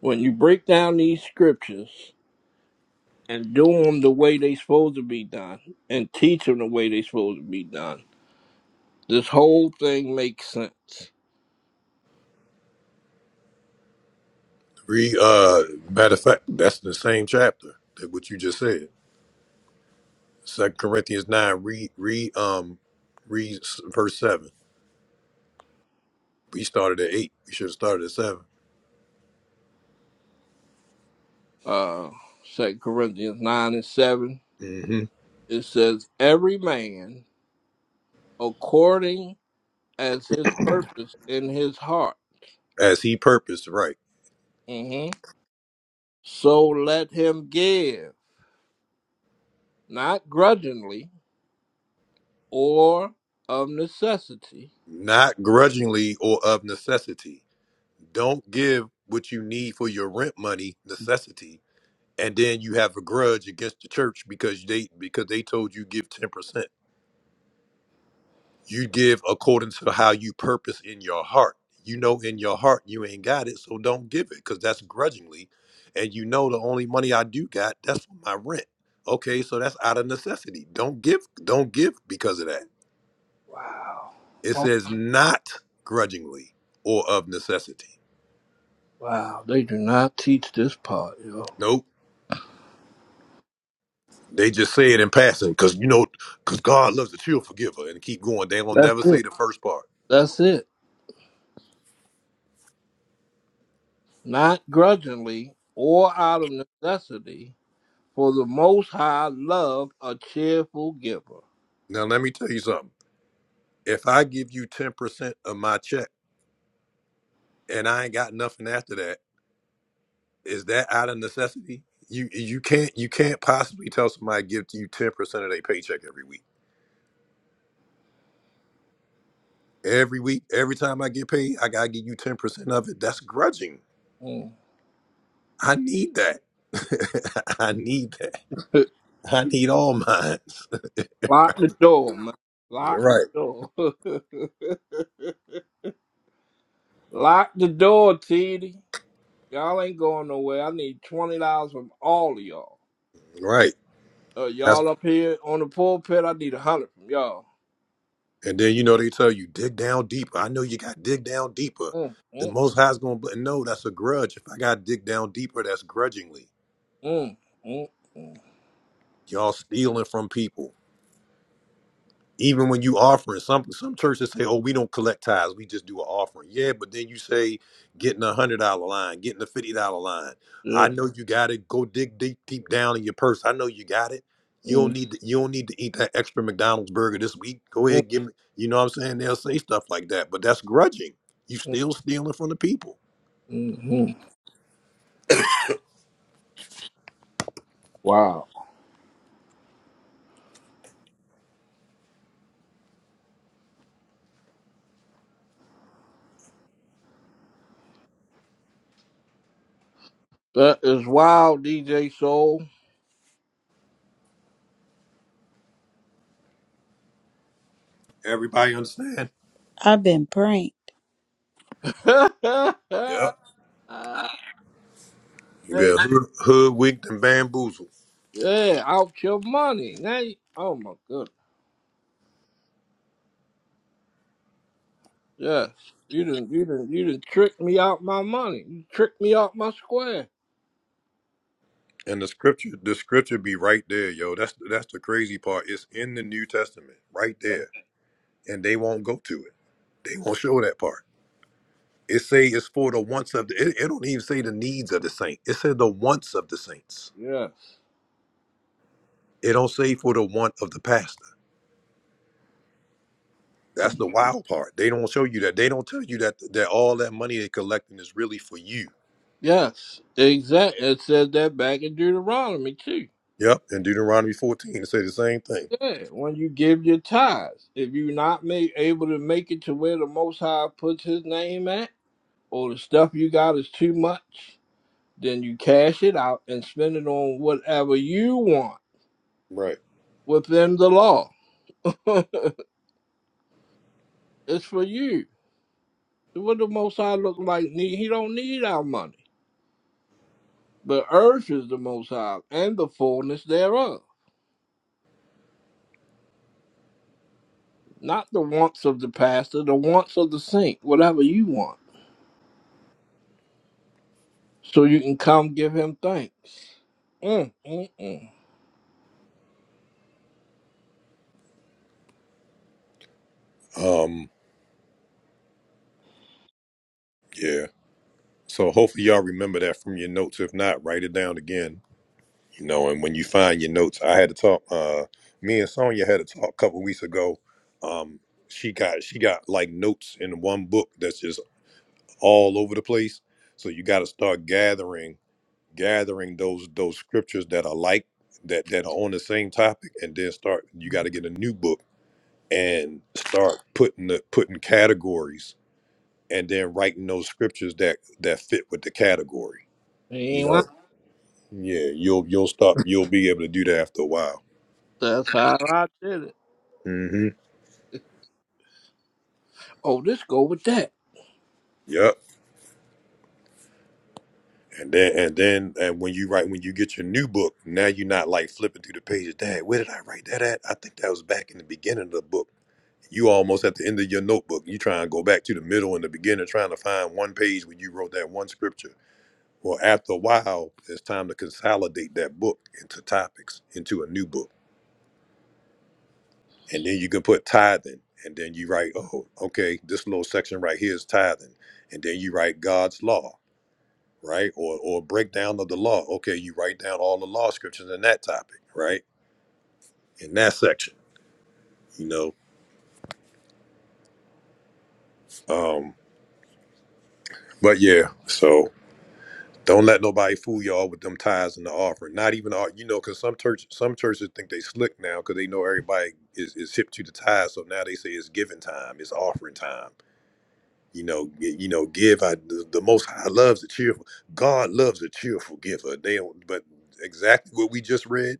S2: When you break down these scriptures, and do them the way they supposed to be done and teach them the way they supposed to be done. This whole thing makes sense.
S1: Read, uh, matter of fact, that's the same chapter that what you just said. Second Corinthians nine. Read, read, um, read s- verse seven. We started at eight. We should have started at 7
S2: Uh, Second Corinthians 9 and 7,
S1: hmm
S2: it says, Every man according as his purpose in his heart.
S1: As he purposed, right?
S2: hmm So let him give, not grudgingly or of necessity.
S1: Not grudgingly or of necessity. Don't give what you need for your rent money necessity, and then you have a grudge against the church because they because they told you give ten percent. you give according to how you purpose in your heart. You know in your heart you ain't got it, so don't give it because that's grudgingly. And you know the only money I do got, that's for my rent. Okay, so that's out of necessity. Don't give, don't give because of that. It
S2: Oh
S1: says not grudgingly or of necessity.
S2: Wow, they do not teach this part, yo.
S1: Nope. They just say it in passing because you know, because God loves the true forgiver and keep going. They will
S2: That's
S1: never say
S2: it.
S1: the first part.
S2: That's it. not grudgingly or out of necessity, for the Most High love a cheerful giver.
S1: Now let me tell you something. If I give you 10% of my check and I ain't got nothing after that, is that out of necessity? You you can't you can't possibly tell somebody give to you ten percent of their paycheck every week. Every week, every time I get paid, I gotta give you ten percent of it. That's grudging.
S2: Mm.
S1: I need that. *laughs* I need that. I need all mine.
S2: Lock the door, man.
S1: You're *laughs*
S2: Lock the
S1: right.
S2: door. *laughs* Lock the door, TD. Y'all ain't going nowhere. I need twenty dollars from all of y'all.
S1: Right.
S2: Uh,
S1: That's
S2: y'all up here on the pulpit, I need a hundred from y'all.
S1: and then you know they tell you dig down deeper. I know you got to dig down deeper.
S2: Mm,
S1: The
S2: mm,
S1: Most High's gonna bl- no. That's a grudge. If I got to dig down deeper, that's grudgingly.
S2: mm, mm, mm.
S1: Y'all stealing from people. even when you offering something, some churches say oh we don't collect tithes we just do an offering yeah but then you say getting a hundred dollar line getting a fifty dollar line
S2: Yeah.
S1: i know you got it go dig deep deep down in your purse i know you got it you don't
S2: Mm,
S1: need to, you don't need to eat that extra mcdonald's burger this week go
S2: mm,
S1: ahead give me you know what i'm saying they'll say stuff like that but that's grudging you
S2: mm,
S1: still stealing from the people
S2: mm, mm. Wow. That is wild, DJ Soul.
S1: everybody understand
S3: I've been pranked.
S2: *laughs*
S1: yeah
S2: Uh,
S1: you
S2: hey,
S1: better hood, hoodwinked and bamboozled
S2: yeah, out your money. Now, you, oh my goodness, yes, you didn't, you didn't, you didn't trick me out my money. You tricked me out my square.
S1: And the scripture, the scripture be right there, yo. That's that's the crazy part. It's in the New Testament, right
S2: Yeah,
S1: there, and they won't go to it. They won't show that part. It say it's for the wants of the. It, it don't even say the needs of the saint. It said the wants of the saints.
S2: yes,
S1: It don't say for the want of the pastor. That's
S2: 'Cause-
S1: the wild part. They don't show you that. They don't tell you that that all that money they're collecting is really for you.
S2: yes, exactly. It says that back in Deuteronomy too.
S1: Yep. And Deuteronomy 14, it say the same thing.
S2: Yeah, when you give your tithes, if you're not ma- able to make it to where the Most High puts His name at, or the stuff you got is too much, then you cash it out and spend it on whatever you want
S1: Right.
S2: within the law. *laughs* It's for you. What the Most High look like? Need He don't need our money. The earth is the Most High, and the fullness thereof. Not the wants of the pastor, the wants of the saint. Whatever you want, so you can come give Him thanks. Mm, mm, mm.
S1: Um. Yeah. So hopefully y'all remember that from your notes. If not, write it down again You know, and when you find your notes, I had to talk. Uh, me and Sonya had a talk a couple weeks ago. Um, she got she got like notes in one book that's just all over the place. So you got to start gathering gathering those those scriptures that are like that that are on the same topic, and then start. You got to get a new book and start putting the putting categories, and then writing those scriptures that that fit with the category.
S2: He
S1: You
S2: ain't lying.
S1: know, yeah, you'll you'll stop. You'll be able to do that after a while.
S2: That's how I did it.
S1: hmm
S2: Oh, this go with that.
S1: Yep. And then and then and when you write when you get your new book, now you're not like flipping through the pages. Dad, where did I write that at? I think that was back in the beginning of the book. You almost at the end of your notebook. You try and go back to the middle and the beginning, trying to find one page where you wrote that one scripture. Well, after a while, it's time to consolidate that book into topics, into a new book. And then you can put tithing. And then you write, oh, okay, this little section right here is tithing. And then you write God's law right? Or or breakdown of the law. Okay, you write down all the law scriptures in that topic, right? In that section, you know. Um, but yeah, so don't let nobody fool y'all with them tithes and the offering. Not even all, you know, because some church some churches think they slick now because they know everybody is, is hip to the tithe. So now they say it's giving time, it's offering time. You know, y- you know, give. I the, the Most High loves a cheerful. God loves a cheerful giver. They don't, but exactly what we just read.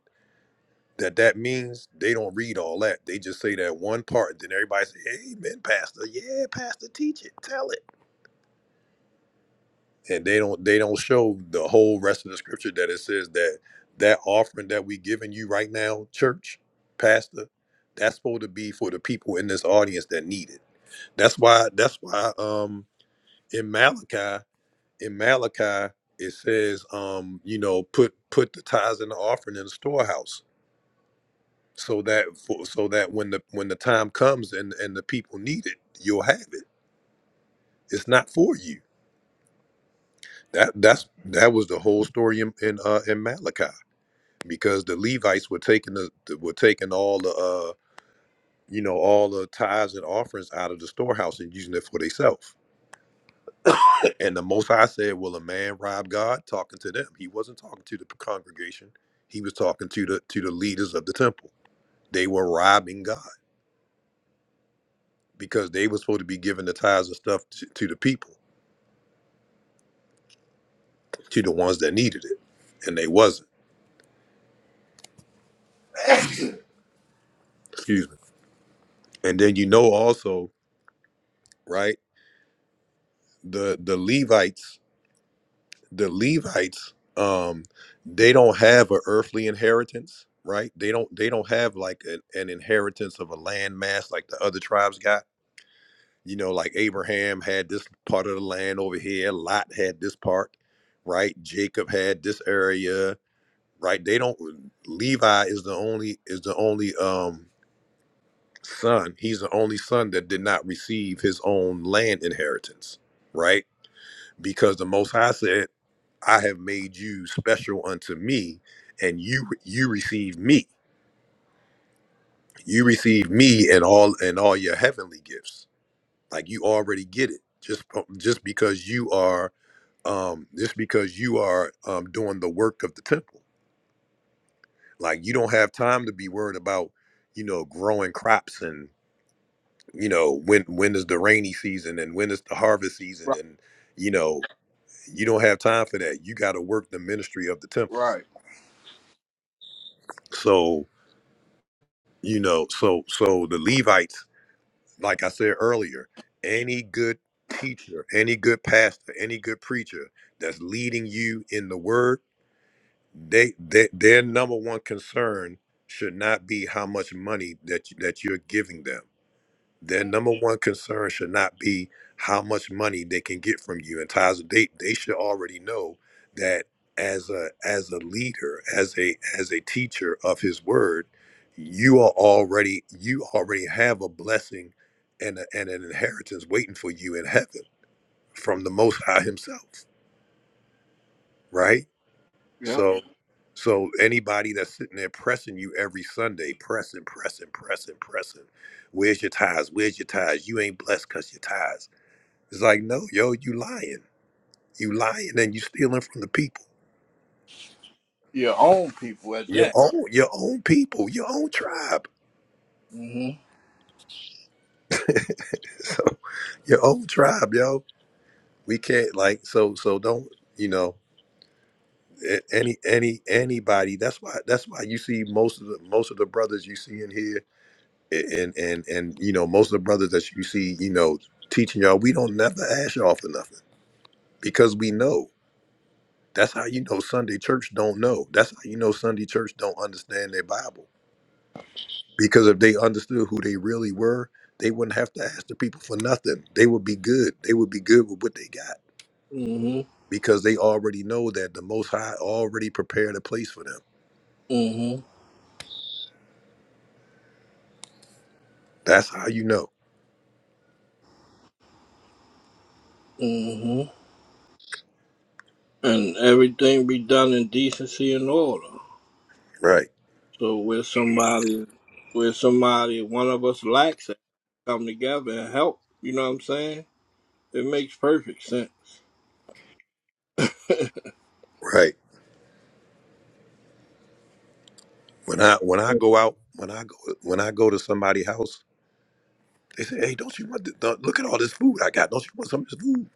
S1: that that means they don't read all that. They just say that one part, and then everybody say, "Amen, Pastor. Yeah, Pastor, teach it, tell it." And they don't they don't show the whole rest of the scripture that it says that that offering that we giving you right now, church, Pastor, that's supposed to be for the people in this audience that need it. That's why that's why um in Malachi in Malachi it says um you know put put the tithes and the offering in the storehouse so that for, so that when the when the time comes and and the people need it you'll have it it's not for you that that's that was the whole story in in, uh, in malachi because the levites were taking the were taking all the uh you know all the tithes and offerings out of the storehouse and using it for themselves and the most high said will a man rob god talking to them he wasn't talking to the congregation he was talking to the to the leaders of the temple they were robbing god because they were supposed to be giving the tithes and stuff to, to the people to the ones that needed it and they wasn't excuse me and then you know also right the the levites the levites um they don't have an earthly inheritance right they don't they don't have like an, an inheritance of a land mass like the other tribes got you know like abraham had this part of the land over here lot had this part right jacob had this area right they don't levi is the only is the only um son, he's the only son that did not receive his own land inheritance, right? Because the Most High said, I have made you special unto me, and you you receive me. You receive me and all and all your heavenly gifts. Like you already get it. Just um, just because you are um just because you are um doing the work of the temple. Like you don't have time to be worried about, you know, growing crops and." you know when when is the rainy season and when is the harvest season
S2: Right,
S1: and you know you don't have time for that you got to work the ministry of the temple
S2: right.
S1: so you know so so the levites like i said earlier any good teacher any good pastor any good preacher that's leading you in the word they, they their number one concern should not be how much money that you, that you're giving them Their number one concern should not be how much money they can get from you. And Tyler, they they should already know that as a as a leader, as a as a teacher of His Word, you are already you already have a blessing and a, and an inheritance waiting for you in heaven from the Most High Himself, right?
S2: Yep.
S1: So. So anybody that's sitting there pressing you every Sunday, pressing, pressing, pressing, pressing, where's your ties? Where's your ties? You ain't blessed because your ties it's like, no, yo, you lying. You lying and you stealing from the people.
S2: Your own people at
S1: Your
S2: that.
S1: own your own people, your own tribe. *laughs*
S2: Mm-hmm.
S1: So your own tribe, yo. We can't like so so don't, you know, a- any any anybody. That's why that's why you see most of the most of the brothers you see in here a- and and and you know, most of the brothers that you see, you know, teaching y'all, we don't never ask y'all for nothing because we know. That's how you know Sunday church don't know. That's how you know Sunday church don't understand their Bible because if they understood who they really were, they wouldn't have to ask the people for nothing. They would be good. They would be good with what they got
S2: Mm-hmm.
S1: because they already know that the Most High already prepared a place for them.
S2: Mm-hmm.
S1: That's how you know.
S2: Mm-hmm. And everything be done in decency and order.
S1: Right.
S2: So with somebody, with somebody, one of us lacks it, come together and help. You know what I'm saying? It makes perfect sense. *laughs*
S1: Right. When I when I go out when I go when I go to somebody's house, they say, "Hey, don't you want this, don't- look at all this food I got? Don't you want some of this food?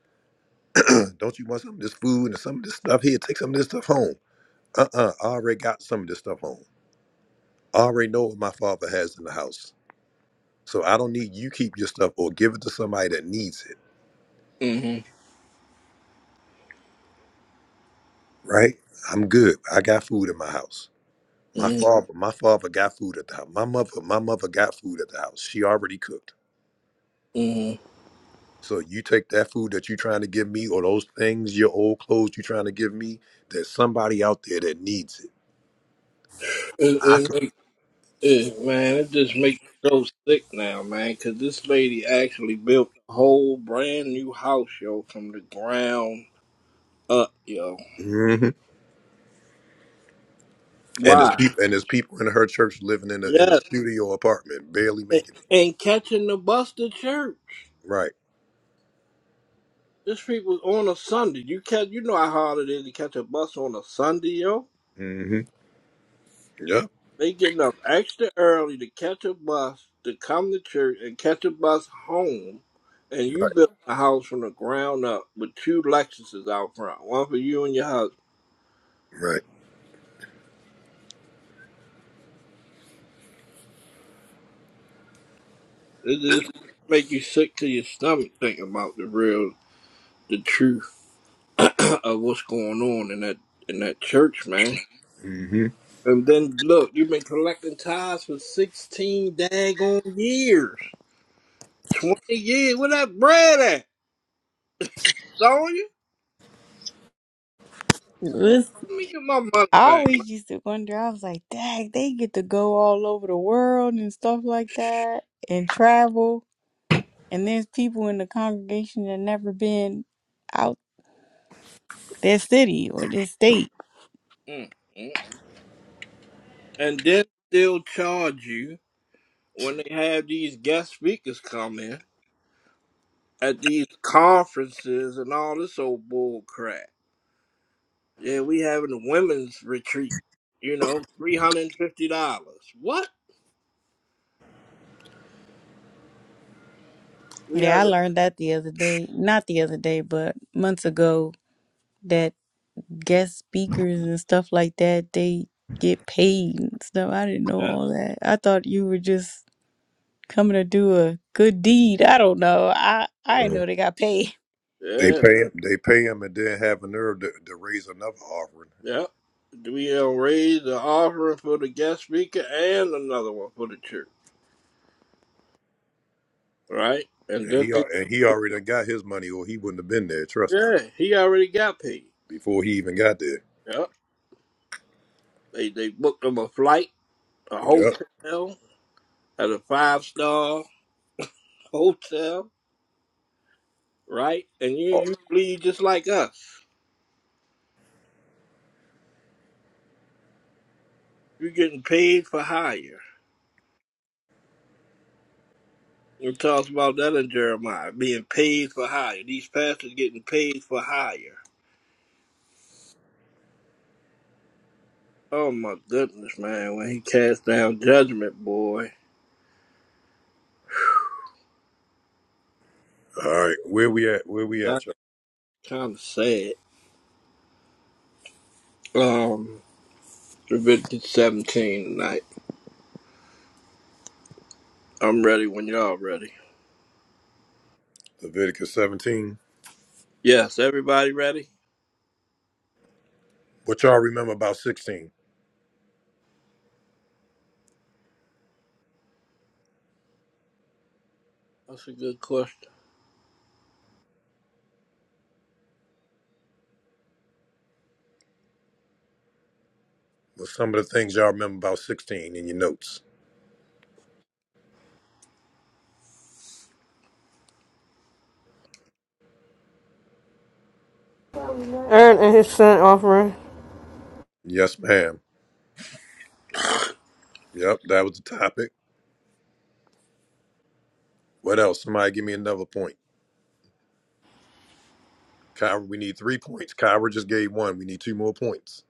S1: Uh, don't you want some of this food and some of this stuff here? Take some of this stuff home." Uh-uh. I already got some of this stuff home. I already know what my father has in the house. So I don't need you keep your stuff or give it to somebody that needs it,
S2: hmm
S1: right? I'm good. I got food in my house. My
S2: hmm
S1: father, my father got food at the house. My mother, my mother got food at the house. She already cooked.
S2: hmm It,
S1: So you take that food that you're trying to give me or those things, your old clothes you're trying to give me, there's somebody out there that needs it. I
S2: it,
S1: can
S2: make- it, man, it just makes me so sick now, man, because this lady actually built a whole brand new house, yo, from the ground up, yo.
S1: hmm and there's
S2: Why?
S1: people and there's people in her church living in a in a
S2: Yes.
S1: studio apartment, barely
S2: And,
S1: making it.
S2: and catching the bus to church.
S1: Right.
S2: This people on a Sunday. You catch, you know how hard it is to catch a bus on a Sunday, yo.
S1: Mm-hmm. Yep.
S2: They getting up extra early to catch a bus to come to church and catch a bus home, and you
S1: Right.
S2: built a house from the ground up with two Lexuses out front, one for you and your husband.
S1: Right.
S2: It just make you sick to your stomach thinking about the real, the truth *laughs* *clears throat* of what's going on in that in that church, man.
S1: Mm-hmm.
S2: And then look, you've been collecting tithes for sixteen daggone years, twenty years. Where that bread at, Sonya?
S3: Listen,
S2: Let me get my money
S3: I
S2: back, man.
S3: always used to wonder, I was like, dang, they get to go all over the world and stuff like that and travel. And there's people in the congregation that never been out. their city or their state.
S2: Mm, mm. And then they'll charge you when they have these guest speakers come in at these conferences and all this old bull crap. Yeah, we having a women's retreat. You know, three hundred and fifty dollars. What? We
S3: Yeah,
S2: have
S3: I learned that the other day. Not the other day, but months ago that guest speakers and stuff like that, they get paid and stuff. I didn't know
S2: a uh,
S3: all that. I thought you were just coming to do a good deed. I don't know. I I
S2: uh,
S3: didn't know they got paid.
S1: They
S2: yeah,
S1: pay him. They pay him, and then have a nerve to, to raise another offering.
S2: yeah. We uh, raise the offering for the guest speaker and another one for the church, right? And
S1: And
S2: then
S1: he
S2: they,
S1: al- and he already done got his money, or he wouldn't have been there. Trust me,
S2: yeah, he already got paid.
S1: before he even got there.
S2: Yep. They they booked him a flight, a
S1: Yep.
S2: hotel, at a five star hotel, right? And you
S1: All
S2: you bleed just like us. You're getting paid for hire. It talks about that in Jeremiah, being paid for hire. These pastors getting paid for hire. Oh my goodness, man! When he cast down judgment, boy,
S1: right. Where we at? Where we
S2: that's
S1: at? Y'all?
S2: kind of sad. Um, Leviticus 17 tonight. I'm ready when y'all ready.
S1: Leviticus 17.
S2: Yes, everybody ready?
S1: What y'all remember about 16?
S2: That's a good question.
S1: What's some of the things y'all remember about 16 in your notes?
S7: Aaron and his son offering.
S1: Yes, ma'am. Yep, that was the topic. What else? Somebody give me another point. Kyra, we need three points. Kyra just gave one. We need two more points.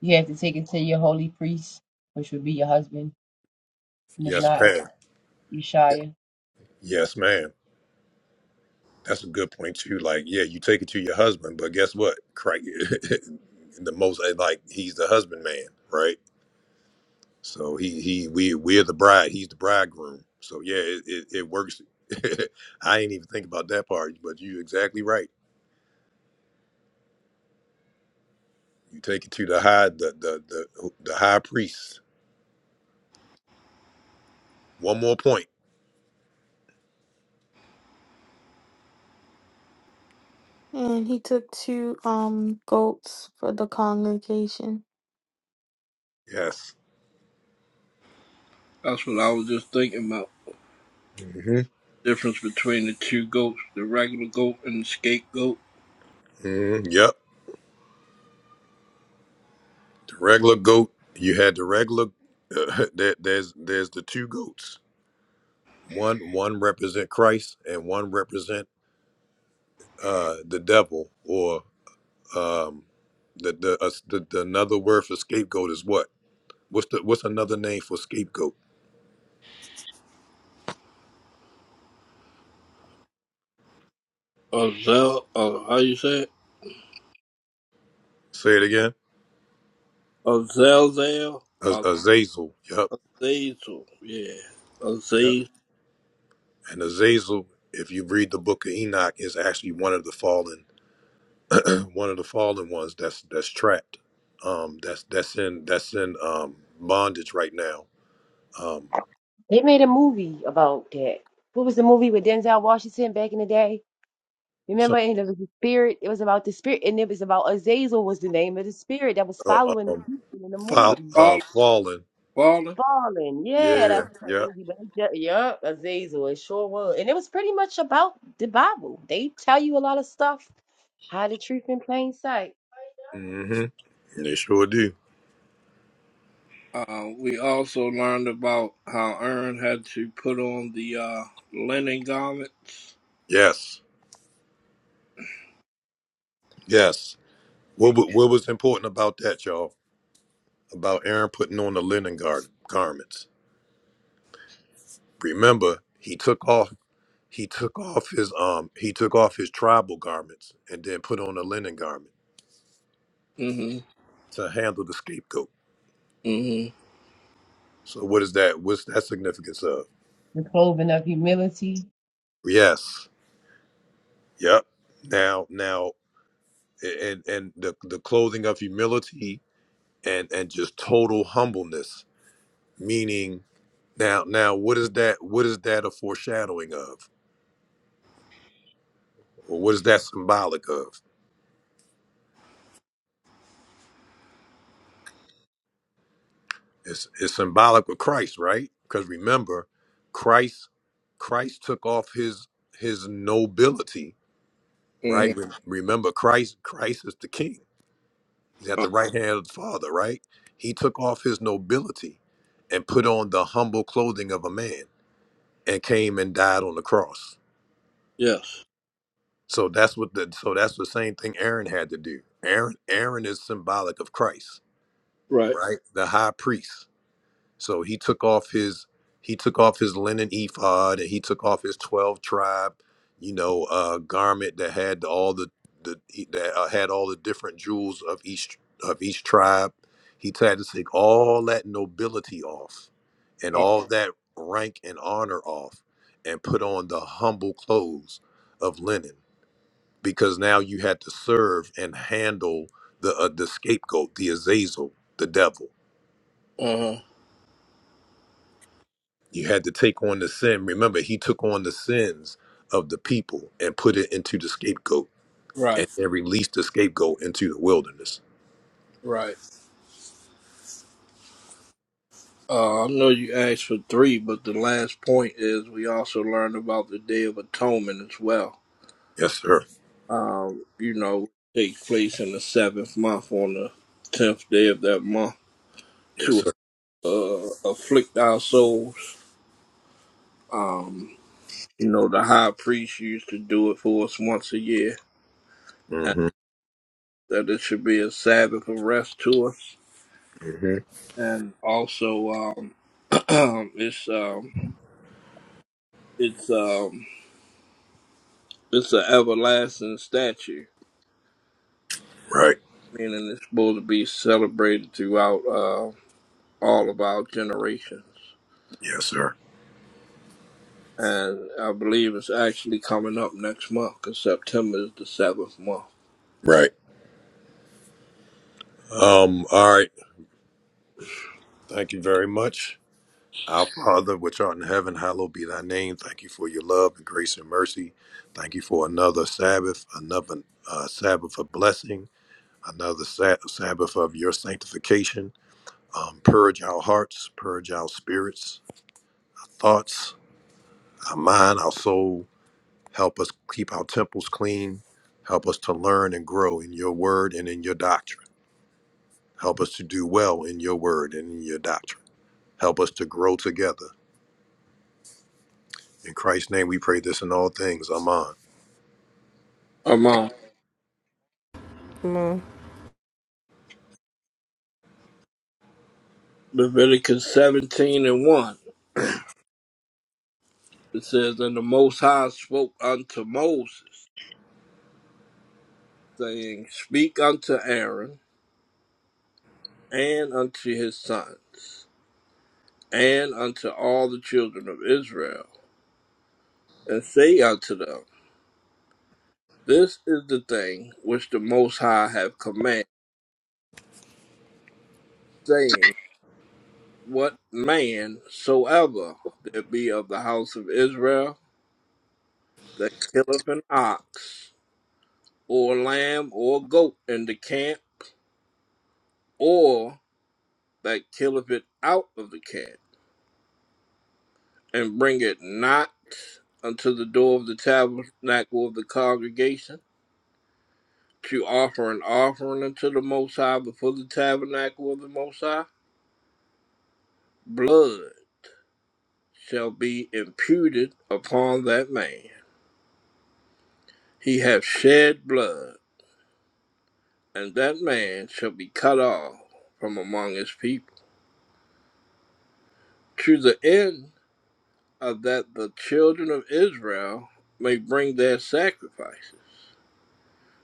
S5: You have to take it to your holy priest, which would be your husband, and if
S1: Yes,
S5: not,
S1: ma'am.
S5: Yeshaya.
S1: Yes, ma'am. That's a good point too. Like, yeah, you take it to your husband, but guess what? Christ, *laughs* the most eh, like he's the husband man, right? So he he we we're the bride. He's the bridegroom. So yeah, it it, it works. *laughs* I ain't even think about that part, but you exactly right. You take it to the high the the the, the high priest. One more point.
S4: and he took two um goats for the congregation.
S1: Yes.
S2: That's what I was just thinking about.
S1: hmm
S2: difference between the two goats, the regular goat and the scapegoat.
S1: hmm Yep. The regular goat. You had the regular. *laughs* there, there's there's the two goats. one one represent Christ and one represent uh, the devil, or um, the the, uh, the the another word for scapegoat is what? What's the what's another name for scapegoat?
S2: Or Zel, how you say it?
S1: Say it again.
S2: Or Zelzel,
S1: Az-
S2: or
S1: Azazel. Yep.
S2: Zazel, yeah. Or
S1: Yep.
S2: Zazel.
S1: And Azazel, if you read the book of Enoch, is actually one of the fallen *clears throat* one of the fallen ones that's that's trapped. Um, that's that's in that's in um, bondage right now. Um,
S5: They made a movie about that. What was the movie with Denzel Washington back in the day?
S1: some,
S5: Remember, and it was the spirit. It was about the spirit, and it was about Azazel was the name of the spirit that was
S1: oh,
S5: following the
S1: um,
S5: people in the
S1: fall,
S5: movie.
S1: uh,
S2: Father,
S1: fallen.
S2: father.
S5: Fallen, yeah,
S1: Yeah.
S5: that's
S1: Yep.
S5: crazy. But it ju- yup, Azazel, it sure was, and it was pretty much about the Bible. They tell you a lot of stuff, hide the truth in plain sight.
S1: hmm They sure do.
S2: Uh, we also learned about how Aaron had to put on the uh, linen garments.
S1: Yes. Yes. What, wa- what was important about that, y'all? About Aaron putting on the linen gar- garments. Remember, he took off. He took off his um. He took off his tribal garments and then put on a linen garment
S2: Mm-hmm,
S1: to handle the scapegoat.
S2: mm-hmm,
S1: So what is that? What's that significance of?
S5: The clothing of humility,
S1: Yes. Yep. Now, now, a- and and the the clothing of humility and and just total humbleness, meaning Now, now, what is that? What is that a foreshadowing of, or what is that symbolic of? It's, it's symbolic of Christ, right? Because remember, Christ, Christ took off his his nobility, right?
S2: mm-hmm.
S1: Re- Remember, Christ, Christ is the King. He's at
S2: Uh,
S1: the right hand of the Father, right? He took off his nobility and put on the humble clothing of a man and came and died on the cross.
S2: Yes,
S1: So that's what the so that's the same thing Aaron had to do. Aaron, Aaron is symbolic of Christ
S2: right.
S1: right? The high priest. So he took off his he took off his linen ephod and he took off his twelve tribe, you know, uh, garment that had all the the e, that uh, had all the different jewels of each of each tribe. He had to take all that nobility off, and
S2: Uh,
S1: all that rank and honor off, and put on the humble clothes of linen, because now you had to serve and handle the uh, the scapegoat, the Azazel, the devil
S2: uh-huh.
S1: You had to take on the sin. Remember, he took on the sins of the people and put it into the scapegoat and
S2: Right,
S1: then released the scapegoat into the wilderness.
S2: right. Uh, I know you asked for three, but the last point is we also learned about the Day of Atonement as well.
S1: Yes, sir.
S2: Um, you know, take place in the seventh month on the tenth day of that month
S1: Yes,
S2: to
S1: sir.
S2: uh, afflict our souls. Um, you know, the high priest used to do it for us once a year, and
S1: hmm
S2: that it should be a Sabbath of rest to us.
S1: hmm
S2: And also, um, *clears throat* it's um, it's um, it's an everlasting statue
S1: Right.
S2: meaning it's supposed to be celebrated throughout uh, all of our generations.
S1: Yes, sir.
S2: And I believe it's actually coming up next month because September is the seventh month.
S1: Right. Um, all right. Thank you very much. Our Father, which art in heaven, hallowed be thy name. Thank you for your love and grace and mercy. Thank you for another Sabbath, another uh, Sabbath of blessing, another sa- Sabbath of your sanctification. um, purge our hearts, purge our spirits, thoughts, our mind, our soul. Help us keep our temples clean. Help us to learn and grow in your word and in your doctrine. Help us to do well in your word and in your doctrine. Help us to grow together. In Christ's name, we pray this in all things. Amen.
S2: I'm
S5: My.
S2: on
S7: I'm on.
S2: Leviticus 17 and 1. It says, And the Most High spoke unto Moses, saying, Speak unto Aaron and unto his sons and unto all the children of Israel, and say unto them, This is the thing which the Most High hath commanded, saying, what man soever there be of the house of Israel that killeth an ox, or lamb, or goat in the camp, or that killeth it out of the camp, and bring it not unto the door of the tabernacle of the congregation, to offer an offering unto the Most High before the tabernacle of the Most High, blood shall be imputed upon that man. He hath shed blood and that man shall be cut off from among his people, to the end of that the children of Israel may bring their sacrifices,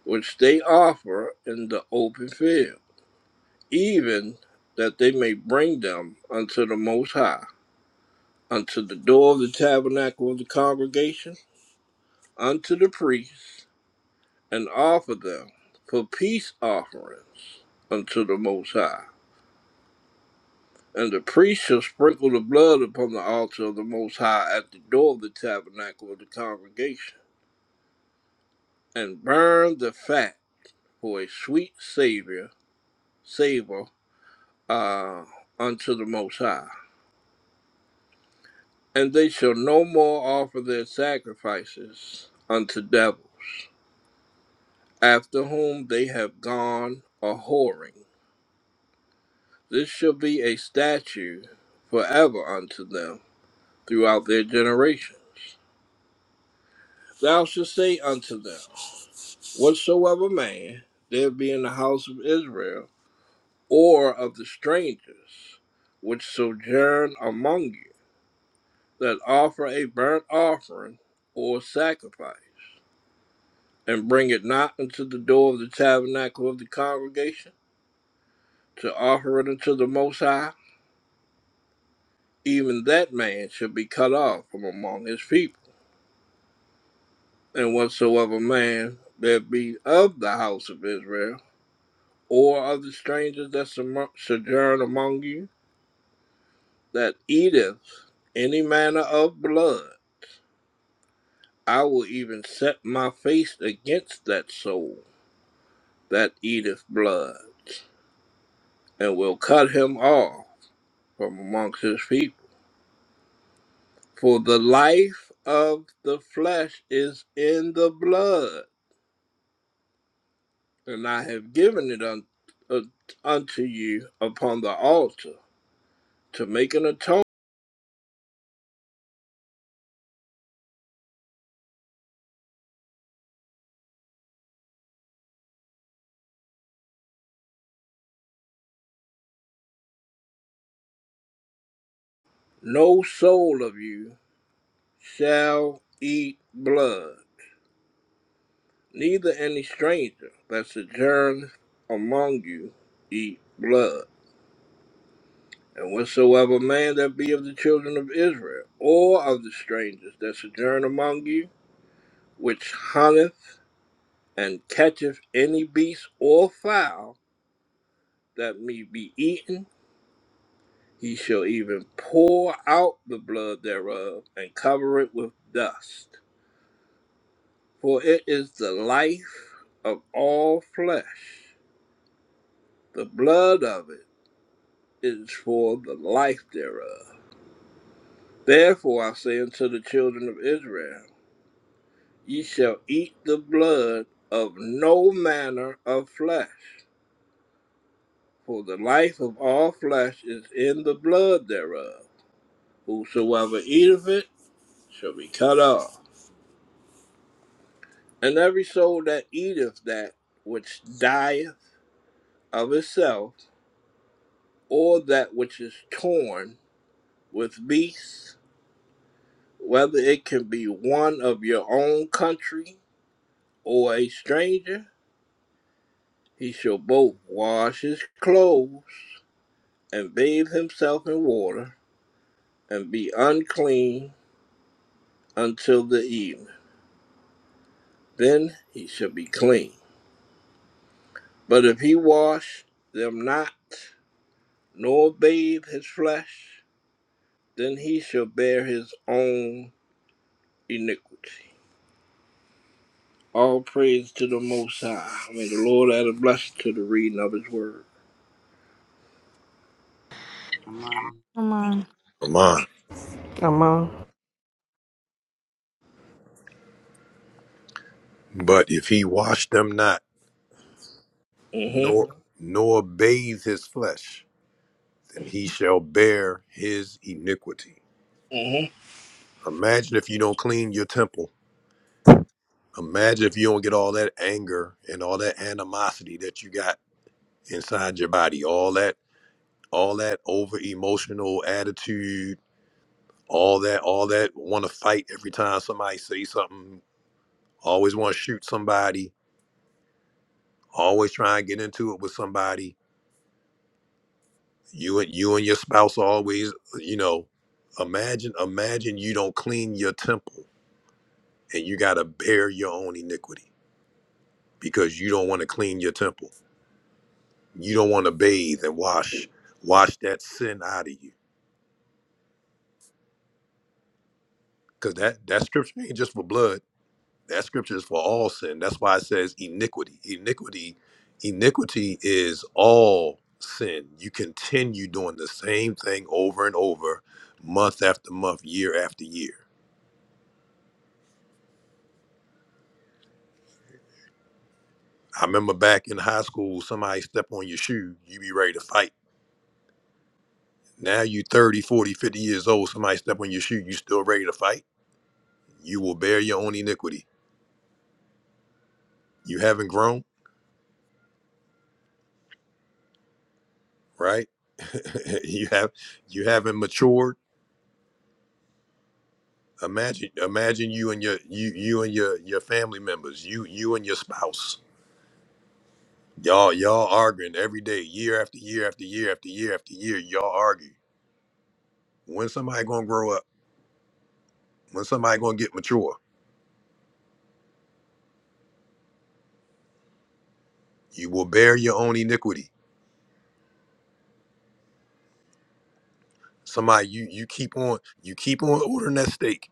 S2: which they offer in the open field, even that they may bring them unto the Most High, unto the door of the tabernacle of the congregation, unto the priests, and offer them for peace offerings unto the Most High. And the priest shall sprinkle the blood upon the altar of the Most High at the door of the tabernacle of the congregation, and burn the fat for a sweet savior, savor uh, unto the Most High. And they shall no more offer their sacrifices unto devils, after whom they have gone a whoring. This shall be a statute forever unto them throughout their generations. Thou shalt say unto them, whatsoever man there be in the house of Israel, or of the strangers which sojourn among you, that offer a burnt offering or sacrifice, and bring it not unto the door of the tabernacle of the congregation, to offer it unto the Most High, even that man shall be cut off from among his people. And whatsoever man there be of the house of Israel, or of the strangers that sojourn among you, that eateth any manner of blood, I will even set my face against that soul that eateth blood, and will cut him off from amongst his people. For the life of the flesh is in the blood, and I have given it un- uh, unto you upon the altar to make an atonement. No soul of you shall eat blood. Neither any stranger that sojourn among you eat blood. And whatsoever man that be of the children of Israel, or of the strangers that sojourn among you, which hunteth and catcheth any beast or fowl that may be eaten, he shall even pour out the blood thereof, and cover it with dust. For it is the life of all flesh. The blood of it is for the life thereof. Therefore I say unto the children of Israel, ye shall eat the blood of no manner of flesh, for the life of all flesh is in the blood thereof. Whosoever eateth it shall be cut off. And every soul that eateth that which dieth of itself, or that which is torn with beasts, whether it can be one of your own country, or a stranger, he shall both wash his clothes and bathe himself in water, and be unclean until the evening. Then he shall be clean. But if he wash them not, nor bathe his flesh, then he shall bear his own iniquity. All praise to the Most High. May the Lord add a blessing to the reading of His Word.
S6: Come on.
S4: Come on,
S1: Amen.
S7: I'm on.
S1: But if he wash them not,
S2: Mm-hmm.
S1: nor nor bathe his flesh, then he shall bear his iniquity.
S2: Mm-hmm.
S1: Imagine if you don't clean your temple Imagine if you don't get all that anger and all that animosity that you got inside your body, all that, all that over emotional attitude, all that, all that want to fight every time somebody say something, always want to shoot somebody, always try and get into it with somebody. You and you and your spouse always, you know, imagine, imagine you don't clean your temple and you got to bear your own iniquity because you don't want to clean your temple You don't want to bathe and wash, wash that sin out of you. Because that, that scripture ain't just for blood. That scripture is for all sin. That's why it says iniquity. Iniquity, iniquity is all sin. You continue doing the same thing over and over, month after month, year after year. I remember back in high school, somebody step on your shoe, you be ready to fight. Now you 30, 40, 50 years old, somebody step on your shoe, you still ready to fight. You will bear your own iniquity. You haven't grown. right? *laughs* you have you haven't matured. Imagine imagine you and your you you and your your family members, you you and your spouse. Y'all y'all arguing every day, year after year after year after year after year, y'all argue. When somebody gonna grow up? When somebody gonna get mature? You will bear your own iniquity. Somebody you you keep on you keep on ordering that steak.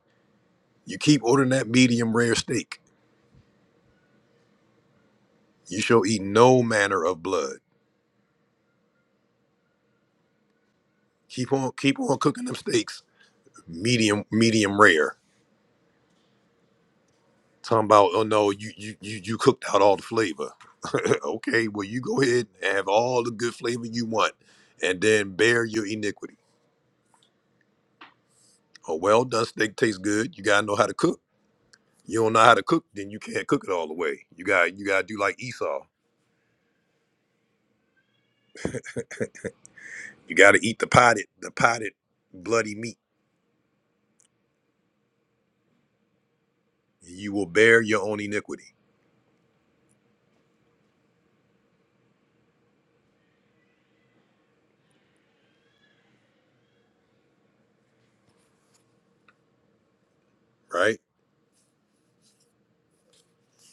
S1: You keep ordering that medium rare steak. You shall eat no manner of blood. Keep on keep on cooking them steaks, medium medium rare Talking about, oh no, you you you you cooked out all the flavor. *laughs* okay, well you go ahead and have all the good flavor you want, and then bear your iniquity. A well done steak tastes good. You gotta know how to cook. You don't know how to cook, then you can't cook it all the way. You got you gotta do like Esau. You gotta eat the potted the potted bloody meat. You will bear your own iniquity, right?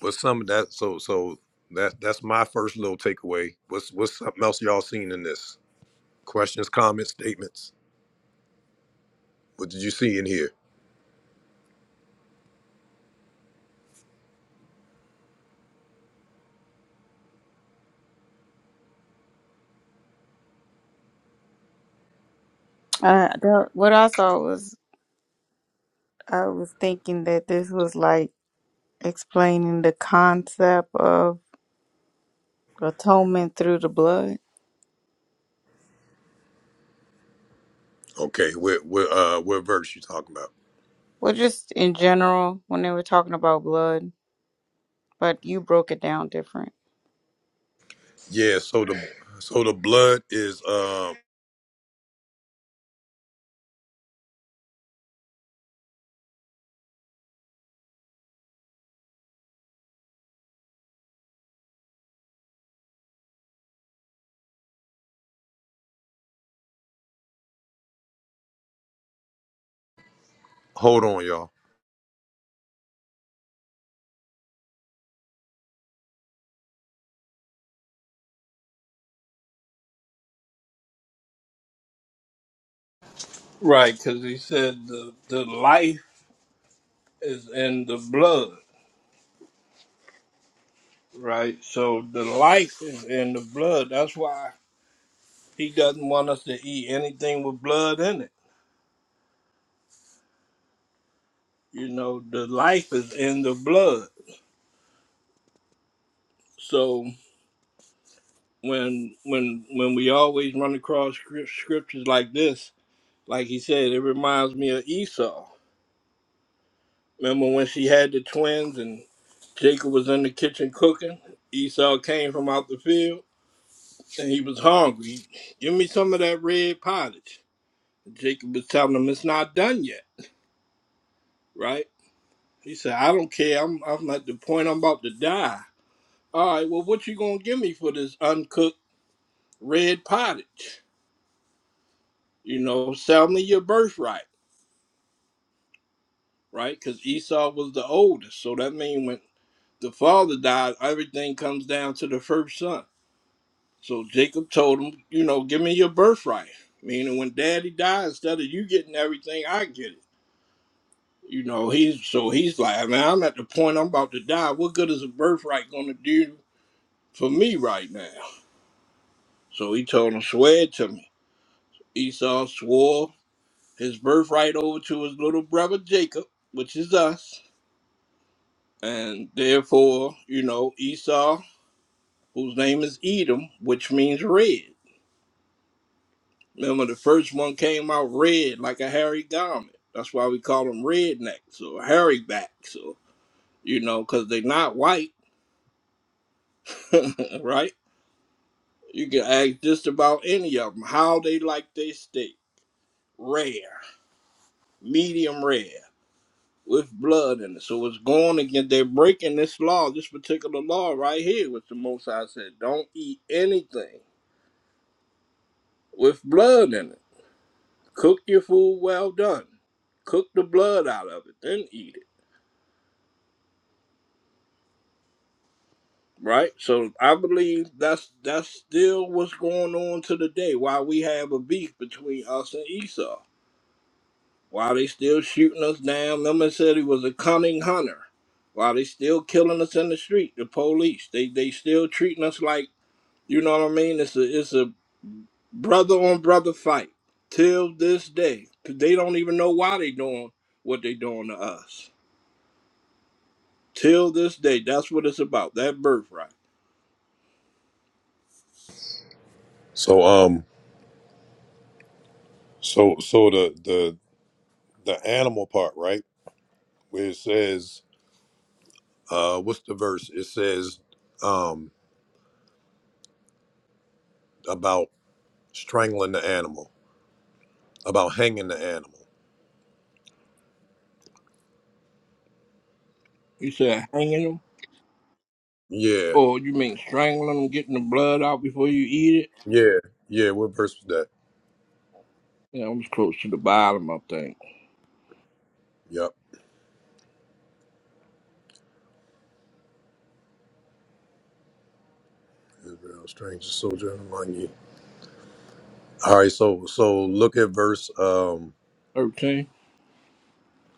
S1: But some of that so so that that's my first little takeaway. What's what's something else y'all seen in this? Questions, comments, statements. What did you see in here?
S3: Uh, the- what I saw was I was thinking that this was like explaining the concept of atonement through the blood.
S1: Okay, what what uh what verse you talking about?
S3: Well, just in general, when they were talking about blood, but you broke it down different.
S1: Yeah, so the so the blood is um hold on y'all.
S2: Right, because he said the the life is in the blood, right? So the life is in the blood. That's why he doesn't want us to eat anything with blood in it. You know, the life is in the blood. So when when when we always run across scri- scriptures like this, like he said, it reminds me of Esau. Remember when she had the twins and Jacob was in the kitchen cooking? Esau came from out the field and he was hungry. Give me some of that red pottage Jacob was telling him it's not done yet, right? He said, I don't care. I'm I'm at the point I'm about to die. All right, well what you gonna give me for this uncooked red pottage? You know, sell me your birthright, right? Because Esau was the oldest. So that means when the father dies, everything comes down to the first son. So Jacob told him, you know, give me your birthright. Meaning when daddy dies, instead of you getting everything, I get it. You know, he's so he's like, man, I'm at the point I'm about to die. What good is a birthright gonna do for me right now? So he told him, Swear it to me. Esau swore his birthright over to his little brother Jacob, which is us. And therefore, you know, Esau, whose name is Edom, which means red. Remember the first one came out red like a hairy garment. That's why we call them rednecks or hairy backs or you know, because they're not white, *laughs* right? You can ask just about any of them how they like their steak. Rare, medium rare, with blood in it. So it's going against, they're breaking this law, this particular law right here, which the Most High said don't eat anything with blood in it. Cook your food well done. Cook the blood out of it, then eat it. Right, so I believe that's that's still what's going on to the day. Why we have a beef between us and Esau While they still shooting us down, Lemon said he was a cunning hunter. While they still killing us in the street, the police, they they still treating us like you know what I mean. It's a it's a brother on brother fight till this day. They don't even know why they doing what they doing to us till this day. That's what it's about. That birthright.
S1: So um so so the the the animal part, right? Where it says uh what's the verse? It says um about strangling the animal, about hanging the animal.
S2: You said hanging them,
S1: Yeah.
S2: or you mean strangling them, getting the blood out before you eat it?
S1: Yeah. Yeah, what verse was that?
S2: Yeah, I'm close to the bottom, I think.
S1: Yep. Israel, stranger soldier among you. All right, so so look at verse um
S2: 13?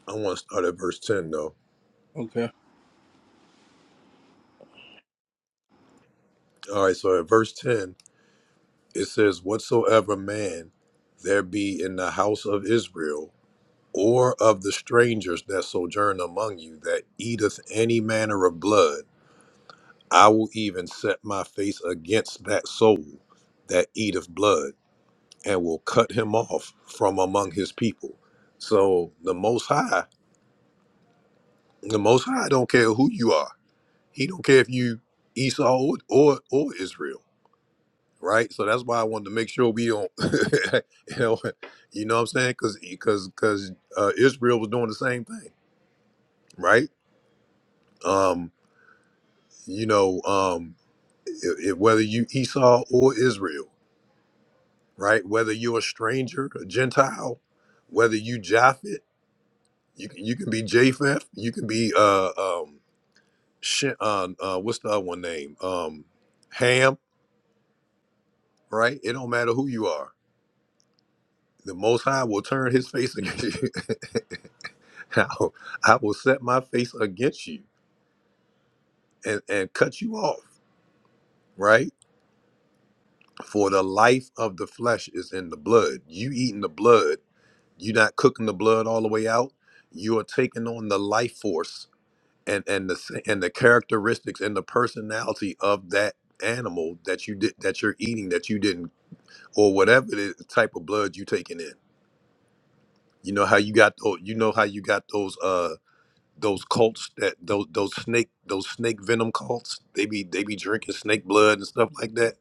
S1: I want to start at verse 10 though.
S2: Okay.
S1: All right, so at verse 10 It says, Whatsoever man there be in the house of Israel, or of the strangers that sojourn among you, that eateth any manner of blood, I will even set my face against that soul that eateth blood, and will cut him off from among his people. So the Most High, the Most High don't care who you are. He don't care if you Esau or or, or Israel. right? So that's why I wanted to make sure we don't, *laughs* you know, you know what I'm saying? Because because because uh, Israel was doing the same thing, right? Um, you know, um, it, it, whether you Esau or Israel, right? Whether you're a stranger, a Gentile, whether you Japhet, you can you can be Japheth, you can be uh um Shin, uh, uh what's the other one name um Ham, right? It don't matter who you are. The Most High will turn His face against you. *laughs* *laughs* I will, I will set my face against you and, and cut you off, right? For the life of the flesh is in the blood. You eating the blood, you are not cooking the blood all the way out. You are taking on the life force and, and the s- and the characteristics and the personality of that animal that you did that you're eating that you didn't or whatever the type of blood you taking in. You know how you got those, you know how you got those uh, those cults that those those snake those snake venom cults they be they be drinking snake blood and stuff like that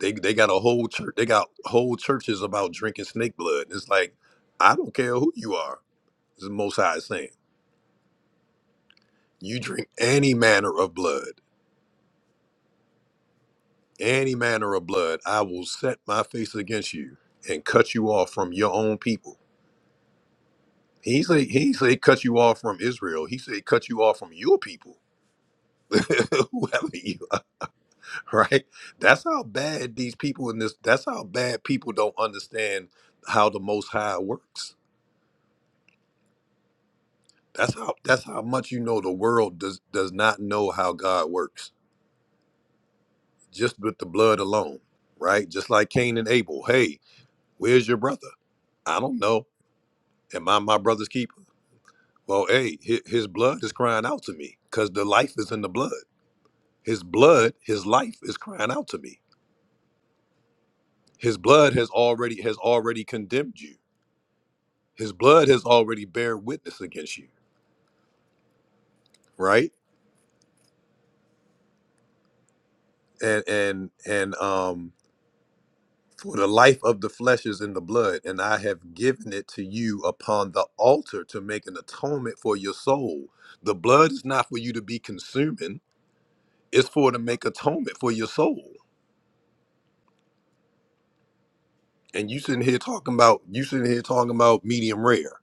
S1: they they got a whole church they got whole churches about drinking snake blood it's like i don't care who you are it's the most high is saying you drink any manner of blood any manner of blood i will set my face against you and cut you off from your own people he say he say cut you off from israel he say cut you off from your people *laughs* whoever *laughs* right? That's how bad these people in this. That's how bad people don't understand how the Most High works. That's how. That's how much you know the world does does not know how God works. Just with the blood alone, right? Just like Cain and Abel. Hey, where's your brother? I don't know. Am I my brother's keeper? Well, hey, hi- his blood is crying out to me because the life is in the blood. His blood, his life is crying out to me. His blood has already has already condemned you his blood has already bear witness against you right and and and um for the life of the flesh is in the blood and i have given it to you upon the altar to make an atonement for your soul the blood is not for you to be consuming it's for to make atonement for your soul and you sitting here talking about you sitting here talking about medium rare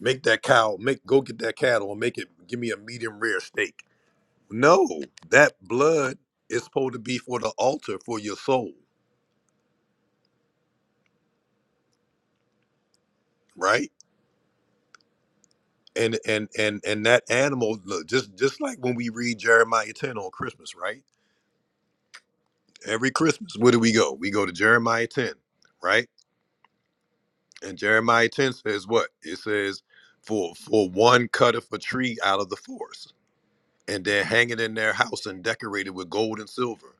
S1: make that cow make go get that cattle and make it give me a medium rare steak no that blood is supposed to be for the altar for your soul right? And and and and that animal, look, just just like when we read Jeremiah ten on Christmas, right? Every Christmas, where do we go? We go to Jeremiah ten, right? And Jeremiah ten says what? It says, "For for one cutteth a tree out of the forest, and then hang it in their house and decorate it with gold and silver,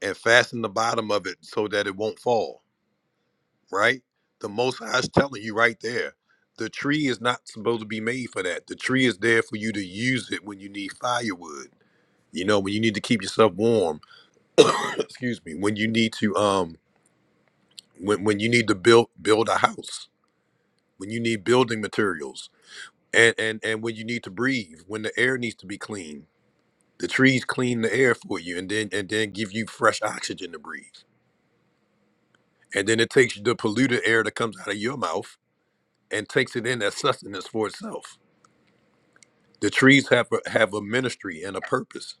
S1: and fasten the bottom of it so that it won't fall." Right? The Most High is telling you right there. The tree is not supposed to be made for that. The tree is there for you to use it when you need firewood you know when you need to keep yourself warm *coughs* excuse me when you need to um when, when you need to build build a house when you need building materials and and and when you need to breathe when the air needs to be clean the trees clean the air for you and then and then give you fresh oxygen to breathe and then it takes the polluted air that comes out of your mouth and takes it in as sustenance for itself the trees have a, have a ministry and a purpose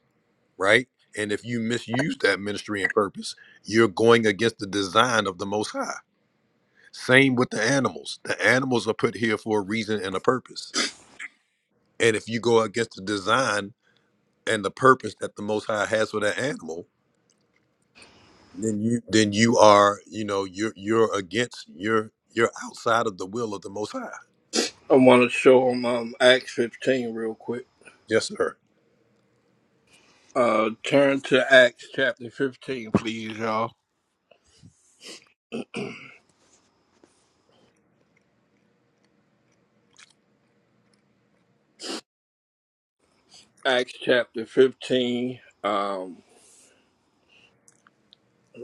S1: right and if you misuse that ministry and purpose you're going against the design of the most high Same with the animals. The animals are put here for a reason and a purpose. And if you go against the design and the purpose that the Most High has for that animal, then you then you are you know you're you're against you're you're outside of the will of the Most High.
S2: I want to show them um, Acts 15 real quick.
S1: Yes, sir.
S2: Uh, turn to Acts chapter 15, please, y'all. Acts chapter 15, um,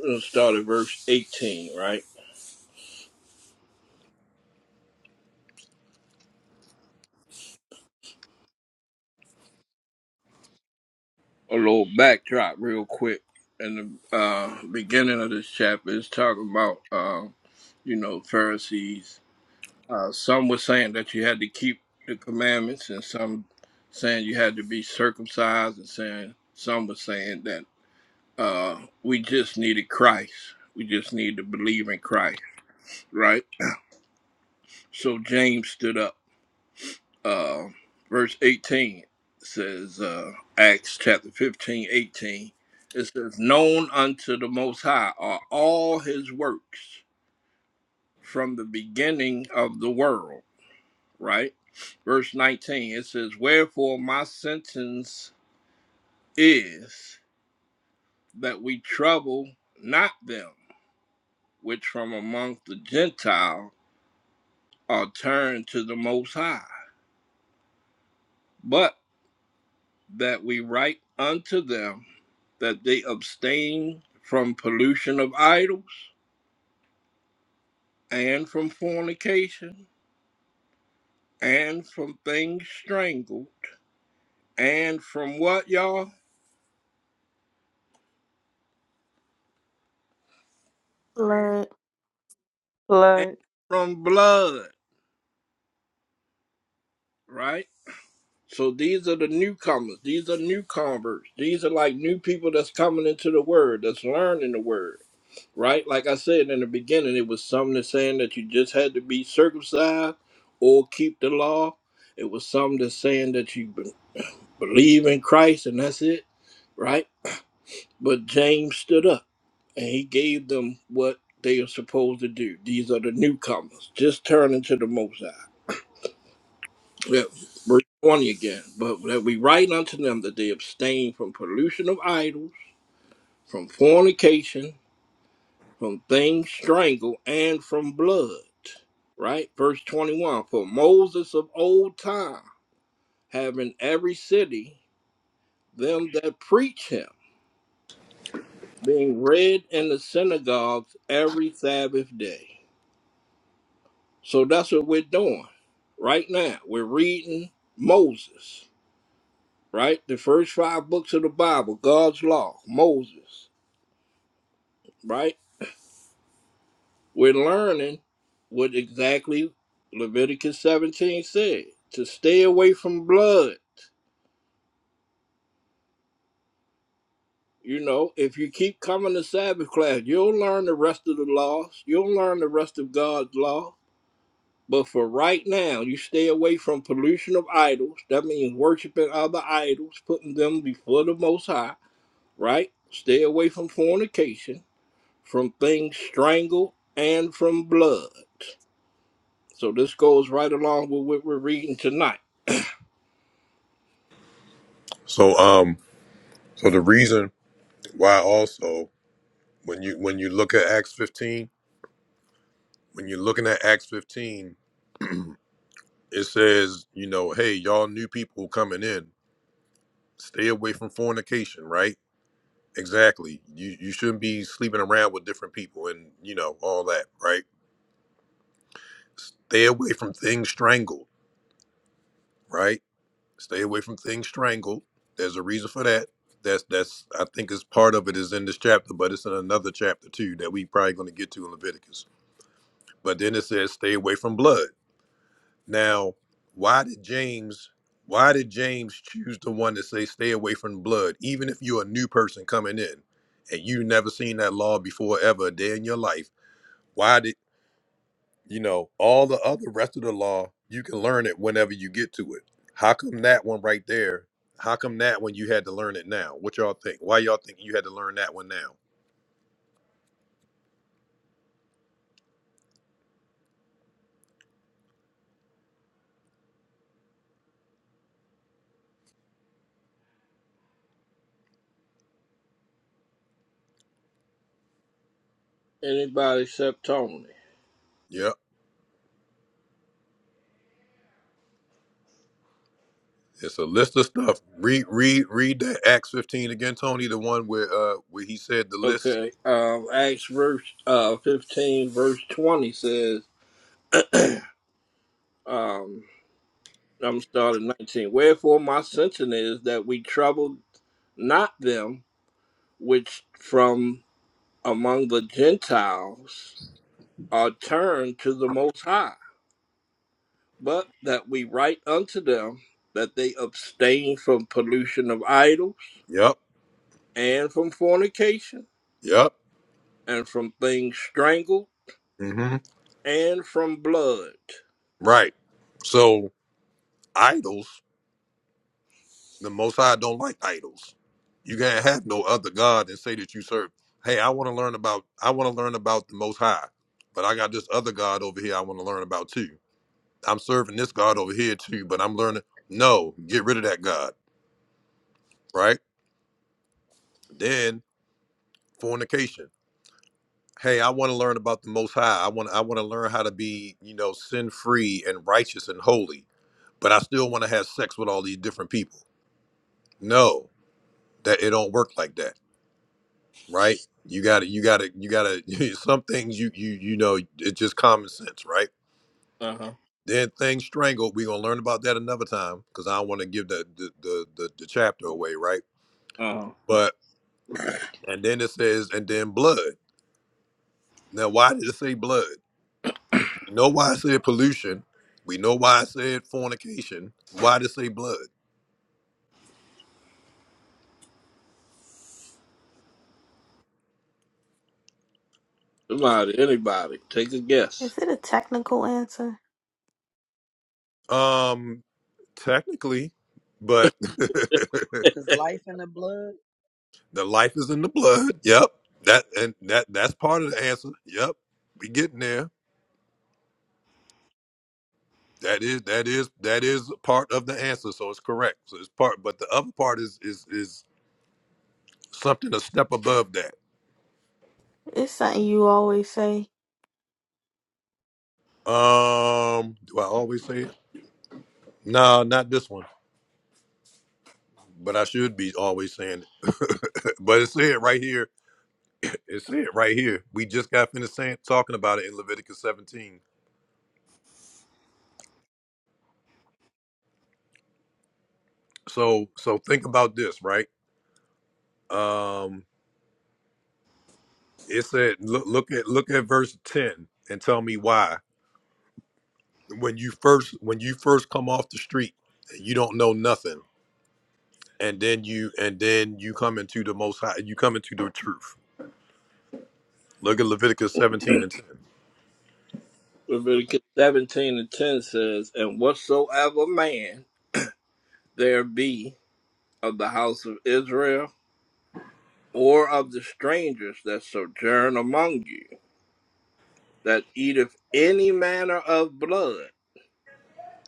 S2: let's start at verse 18, right? A little backdrop real quick. In the uh, beginning of this chapter, it's talking about, uh, you know, Pharisees Uh, some were saying that you had to keep the commandments, and some saying you had to be circumcised, and saying some were saying that uh, we just needed Christ. We just need to believe in Christ, right? So James stood up. Uh, verse 18 says, uh, Acts chapter 15:18. it says, Known unto the Most High are all his works from the beginning of the world right? Verse 19, it says, Wherefore my sentence is that we trouble not them which from among the Gentile are turned to the Most High, but that we write unto them that they abstain from pollution of idols, and from fornication, and from things strangled, and from what, y'all?
S4: Lord.
S2: And
S3: Blood.
S2: from blood, Right. So these are the newcomers. These are new converts. These are like new people that's coming into the word, that's learning the word, right? Like I said in the beginning, it was something that's saying that you just had to be circumcised or keep the law. It was something that's saying that you be- believe in Christ and that's it, right? But James stood up and he gave them what they are supposed to do. These are the newcomers. Just turn into the Mosai. that verse 20 again, but that we write unto them that they abstain from pollution of idols, from fornication, from things strangled, and from blood. Right? Verse 21 For Moses of old time, having every city them that preach him, being read in the synagogues every Sabbath day. So that's what we're doing right now. We're reading Moses. right? The first five books of the Bible, God's law, Moses, right? We're learning what exactly Leviticus 17 said to stay away from blood. You know, if you keep coming to Sabbath class, you'll learn the rest of the laws, you'll learn the rest of God's law. But for right now, you stay away from pollution of idols. That means worshiping other idols, putting them before the Most High, right? Stay away from fornication from things strangled, and from blood. So this goes right along with what we're reading tonight.
S1: So um so the reason why also when you when you look at Acts 15 when you're looking at Acts 15 it says you know hey y'all new people coming in stay away from fornication right Exactly. You you shouldn't be sleeping around with different people and you know all that, right? Stay away from things strangled, right? Stay away from things strangled. There's a reason for that. That's that's I think is part of it is in this chapter, but it's in another chapter too that we probably going to get to in Leviticus. But then it says stay away from blood. Now, why did James why did James choose the one to say stay away from blood even if you're a new person coming in and you never seen that law before ever a day in your life? Why did you know all the other rest of the law? You can learn it whenever you get to it. How come that one right there? How come that one you had to learn it now? What y'all think? Why y'all think you had to learn that one now?
S2: Anybody except Tony.
S1: Yep, it's a list of stuff. Read, read, read that Acts fifteen again, Tony. The one where uh where he said the list.
S2: Okay. Um Acts verse uh fifteen verse twenty says, um I'm starting nineteen. Wherefore my sentence is that we trouble not them which from among the Gentiles are turned to the most high, but that we write unto them that they abstain from pollution of idols
S1: Yep,
S2: and from fornication,
S1: yep.
S2: and from things strangled,
S1: Mm-hmm.
S2: and from blood.
S1: Right. So idols. The Most High don't like idols. You can't have no other God and say that you serve. Hey, I want to learn about. I want to learn about the Most High, but I got this other God over here. I want to learn about too. I'm serving this God over here too, but I'm learning. No, get rid of that God, right? Then fornication. Hey, I want to learn about the Most High. I want. I want to learn how to be, you know, sin free and righteous and holy. But I still want to have sex with all these different people. No, that it don't work like that right? You got to, you got to, you got to. *laughs* Some things you, you, you know, it's just common sense, right?
S2: Uh huh.
S1: Then things strangled. We're gonna learn about that another time because I don't want to give the the, the the the chapter away, right?
S2: Uh huh.
S1: But and then it says, and then blood. Now, why did it say blood? We know why it said pollution. We know why it said fornication. Why did it say blood?
S2: Somebody, anybody, take a guess.
S4: Is it a technical answer?
S1: Um, technically, but *laughs* the
S6: Because life in the blood.
S1: life is in the blood. Yep. That and that that's part of the answer. Yep. We getting there That is that is that is part of the answer, so it's correct. So it's part, but the other part is is is something a step above that.
S4: It's something you always say.
S1: Um, do I always say it? No, not this one, but I should be always saying it. *laughs* but it said right here. It said right here. We just got finished saying talking about it in Leviticus 17. So so think about this, right? Um, it said look look at look at verse 10 and tell me why when you first when you first come off the street you don't know nothing and then you and then you come into the most high you come into the truth look at leviticus 17 and 10
S2: Leviticus 17 and 10 says, And whatsoever man there be of the house of Israel, or of the strangers that sojourn among you, that eateth any manner of blood,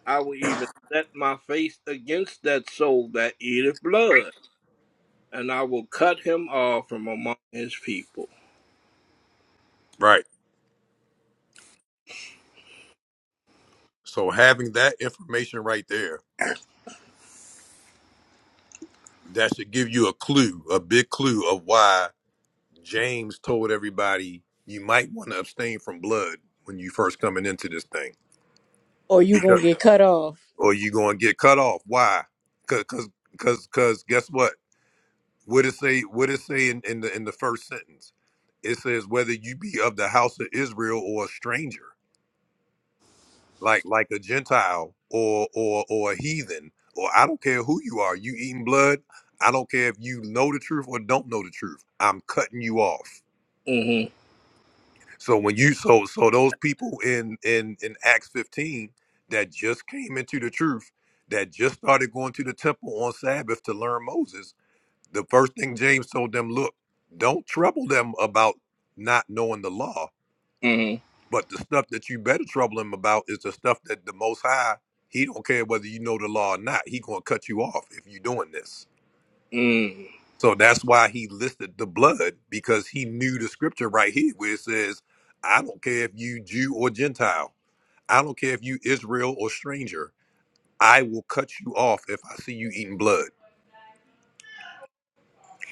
S2: I will even set my face against that soul that eateth blood and I will cut him off from among his people.
S1: right so having that information right there that should give you a clue a big clue of why james told everybody you might want to abstain from blood when you first coming into this thing
S3: or you
S1: because
S3: gonna get cut off.
S1: or you gonna get cut off why because because because guess what What it say? What it say in, in the in the first sentence? It says whether you be of the house of Israel or a stranger, like like a Gentile or or or a heathen, or I don't care who you are. You eating blood? I don't care if you know the truth or don't know the truth. I'm cutting you off.
S2: Mm-hmm.
S1: So when you so so those people in in in Acts 15 that just came into the truth, that just started going to the temple on Sabbath to learn Moses The first thing James told them, look, don't trouble them about not knowing the law,
S2: Mm-hmm.
S1: but the stuff that you better trouble them about is the stuff that the Most High, He don't care whether you know the law or not. He gonna cut you off if you doing this.
S2: Mm.
S1: So that's why He listed the blood because He knew the scripture right here where it says, I don't care if you Jew or Gentile. I don't care if you Israel or stranger. I will cut you off if I see you eating blood.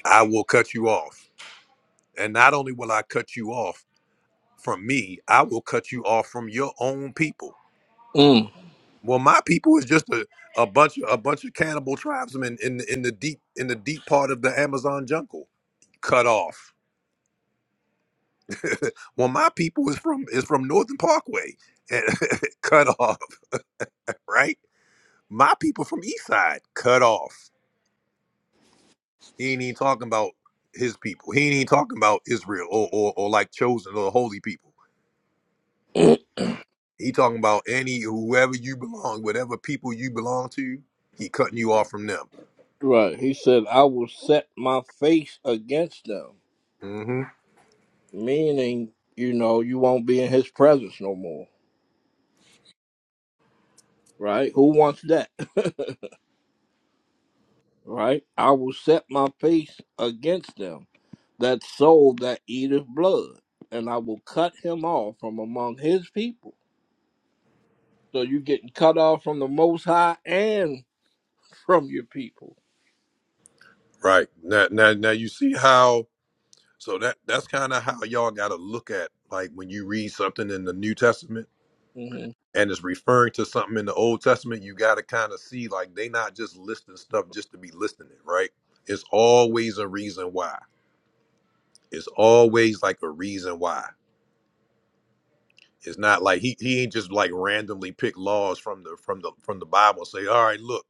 S1: I will cut you off. And not only will I cut you off, from me, I will cut you off from your own people.
S2: Mm.
S1: Well, my people is just a, a bunch of a bunch of cannibal tribesmen in in the deep in the deep part of the Amazon jungle, cut off. *laughs* well, my people is from is from Northern Parkway, *laughs* cut off. Right, my people from East Side, cut off. He ain't even talking about his people. He ain't even talking about Israel or or, or like chosen or holy people. He talking about any whoever you belong, whatever people you belong to. He cutting you off from them
S2: Right. He said, I will set my face against them,
S1: hmm
S2: meaning, you know, you won't be in his presence no more. Right? Who wants that? *laughs* right? I will set my face against them, that soul that eateth blood, and I will cut him off from among his people. So you're getting cut off from the Most High and from your people.
S1: Right. Now now now you see how so that that's kind of how y'all got to look at like when you read something in the New Testament
S2: Mm-hmm.
S1: and it's referring to something in the Old Testament, you got to kind of see like they not just listing stuff just to be listing it, right? It's always a reason why. It's always like a reason why. It's not like he he ain't just like randomly pick laws from the from the from the Bible and say, "All right, look,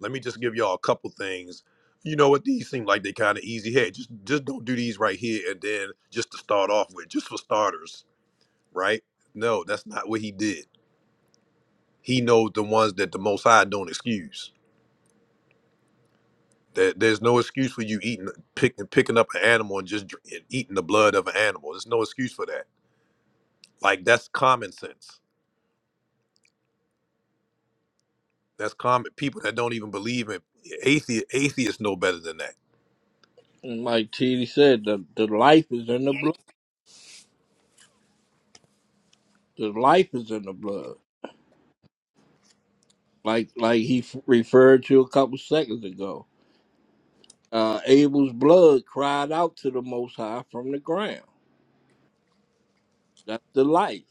S1: Let me just give y'all a couple things. You know what? These seem like they kind of easy. Hey, just just don't do these right here and then just to start off with, just for starters, right? No, that's not what he did. He knows the ones that the Most High don't excuse. There, there's no excuse for you eating, picking, picking up an animal and just dr- and eating the blood of an animal. There's no excuse for that. Like that's common sense. That's common. People that don't even believe in atheists, atheists know better than that.
S2: And like T D said, the, the life is in the blood. The life is in the blood. Like like he f- referred to a couple seconds ago. Uh, Abel's blood cried out to the Most High from the ground. That's the life.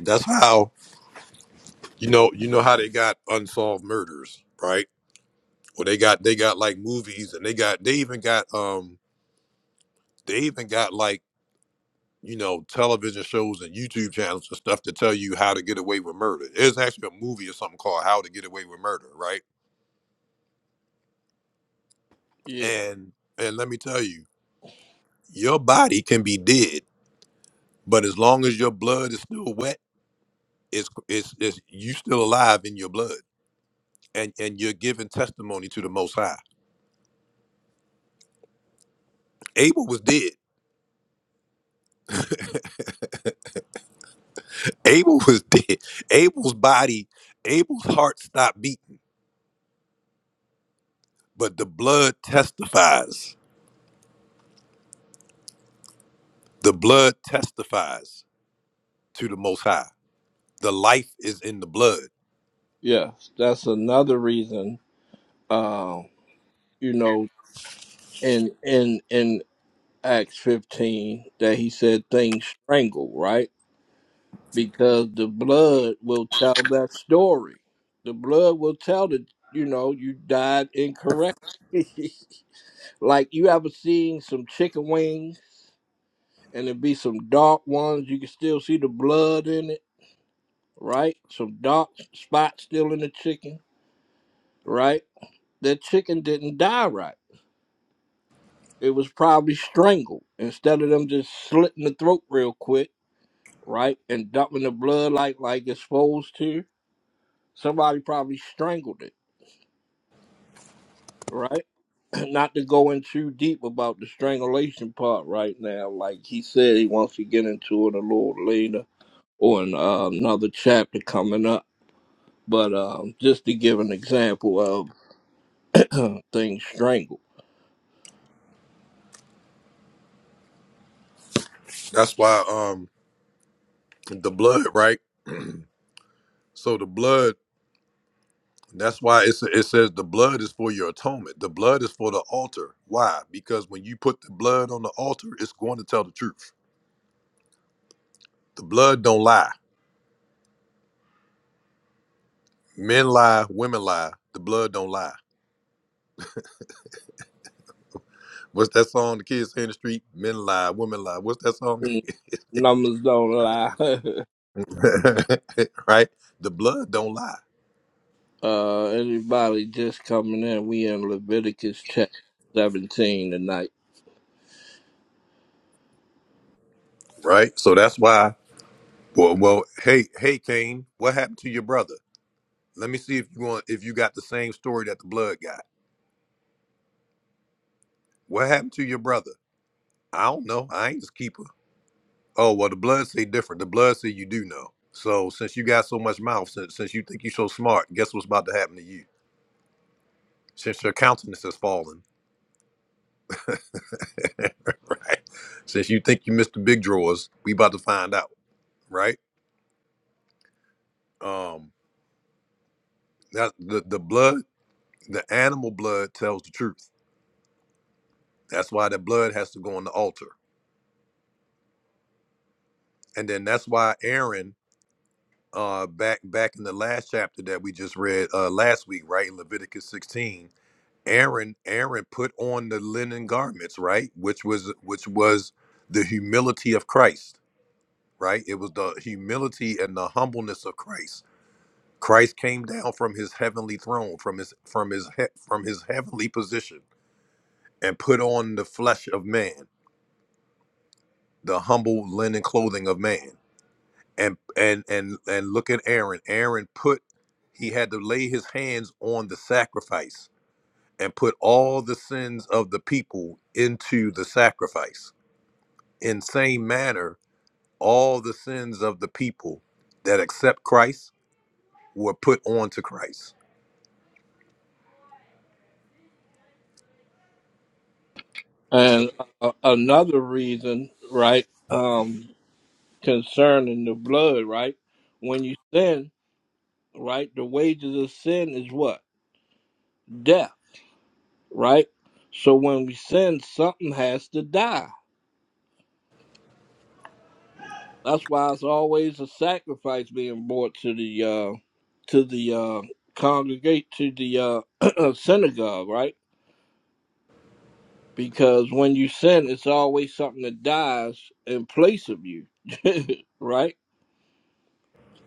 S1: That's how you know. You know how they got unsolved murders, right? Well, they got they got like movies, and they got they even got um they even got like you know television shows and YouTube channels and stuff to tell you how to get away with murder. There's actually a movie or something called How to Get Away with Murder, right?
S2: Yeah.
S1: And and let me tell you, your body can be dead, but as long as your blood is still wet, it's it's, it's you still alive in your blood, and and you're giving testimony to the Most High. Abel was dead. Abel was *laughs* dead. Abel's body, Abel's heart stopped beating But the blood testifies. The blood testifies to the Most High. The life is in the blood.
S2: Yes. That's another reason. Um, you know, in in in Acts fifteen that he said things strangled, right? because the blood will tell that story. The blood will tell that you know you died incorrectly. *laughs* like you ever seen some chicken wings and it be some dark ones, you can still see the blood in it, right? Some dark spots still in the chicken, right? That chicken didn't die right. It was probably strangled instead of them just slitting the throat real quick, right, and dumping the blood like like it's supposed to. Somebody probably strangled it right? *clears throat* not to go in too deep about the strangulation part right now. Like he said, he wants to get into it a little later or in uh, another chapter coming up. But um, just to give an example of things strangled,
S1: That's why um the blood, right? So the blood. That's why it's, it says the blood is for your atonement. The blood is for the altar. Why? Because when you put the blood on the altar, it's going to tell the truth. The blood don't lie. Men lie, women lie. The blood don't lie. What's that song the kids say in the street? Men lie, women lie. What's that song?
S2: Mm, numbers don't lie. *laughs*
S1: *laughs* right? The blood don't lie
S2: uh, anybody just coming in, we in Leviticus chapter 17 tonight.
S1: right? So that's why. Well, well, hey, hey, Cain, what happened to your brother? Let me see if you want if you got the same story that the blood got. What happened to your brother? I don't know. I ain't his keeper. Oh well, the blood say different. The blood say you do know. So since you got so much mouth, since since you think you so smart, guess what's about to happen to you? Since your countenance has fallen, *laughs* right? Since you think you missed the big drawers, we about to find out, right? Um, that the the blood, the animal blood tells the truth That's why the blood has to go on the altar. And then that's why Aaron, uh, back back in the last chapter that we just read uh, last week, right in Leviticus 16, Aaron Aaron put on the linen garments, right, which was which was the humility of Christ, right? It was the humility and the humbleness of Christ. Christ came down from his heavenly throne, from his from his he, from his heavenly position, and put on the flesh of man, the humble linen clothing of man and and and and look at Aaron. Aaron put he had to lay his hands on the sacrifice and put all the sins of the people into the sacrifice. In same manner, all the sins of the people that accept Christ were put onto Christ. So,
S2: And uh, another reason, right, um, concerning the blood, right? When you sin, right? The wages of sin is what? Death, right? So when we sin, something has to die. That's why it's always a sacrifice being brought to the uh to the uh congregate to the uh *clears throat* synagogue, right? Because when you sin, it's always something that dies in place of you, *laughs* right?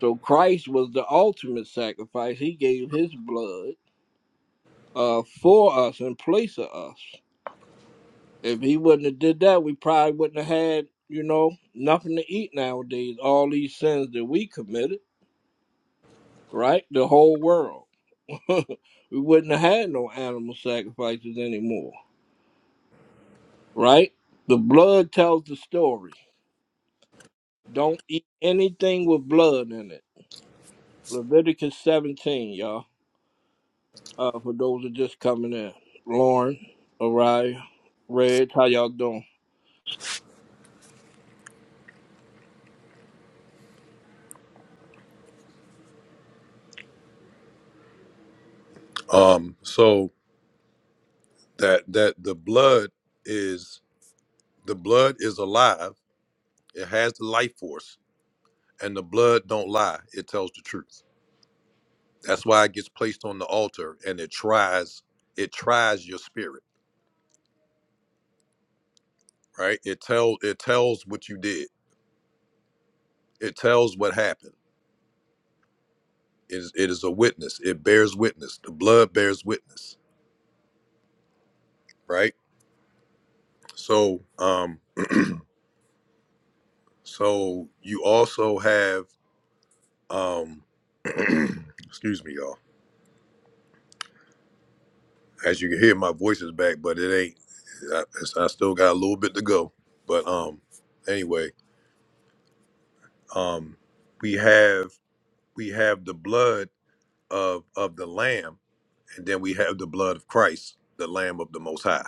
S2: So Christ was the ultimate sacrifice. He gave his blood uh for us in place of us. If he wouldn't have did that, we probably wouldn't have had, you know, nothing to eat nowadays. All these sins that we committed, right? The whole world. *laughs* we wouldn't have had no animal sacrifices anymore, right? The blood tells the story. Don't eat anything with blood in it. Leviticus 17, y'all. Uh, for those that just coming in. Lauren, Orion, Reg, how y'all doing?
S1: um, so that that the blood is the blood is alive. It has the life force, and the blood don't lie. It tells the truth. That's why it gets placed on the altar and it tries it tries your spirit, right? It tell it tells what you did. It tells what happened. It is it is a witness. It bears witness. The blood bears witness, right? So um so you also have um *clears throat* excuse me y'all. As you can hear my voice is back, but it ain't I, it's- I still got a little bit to go. But um anyway, um we have we have the blood of of the lamb and then we have the blood of christ the lamb of the most high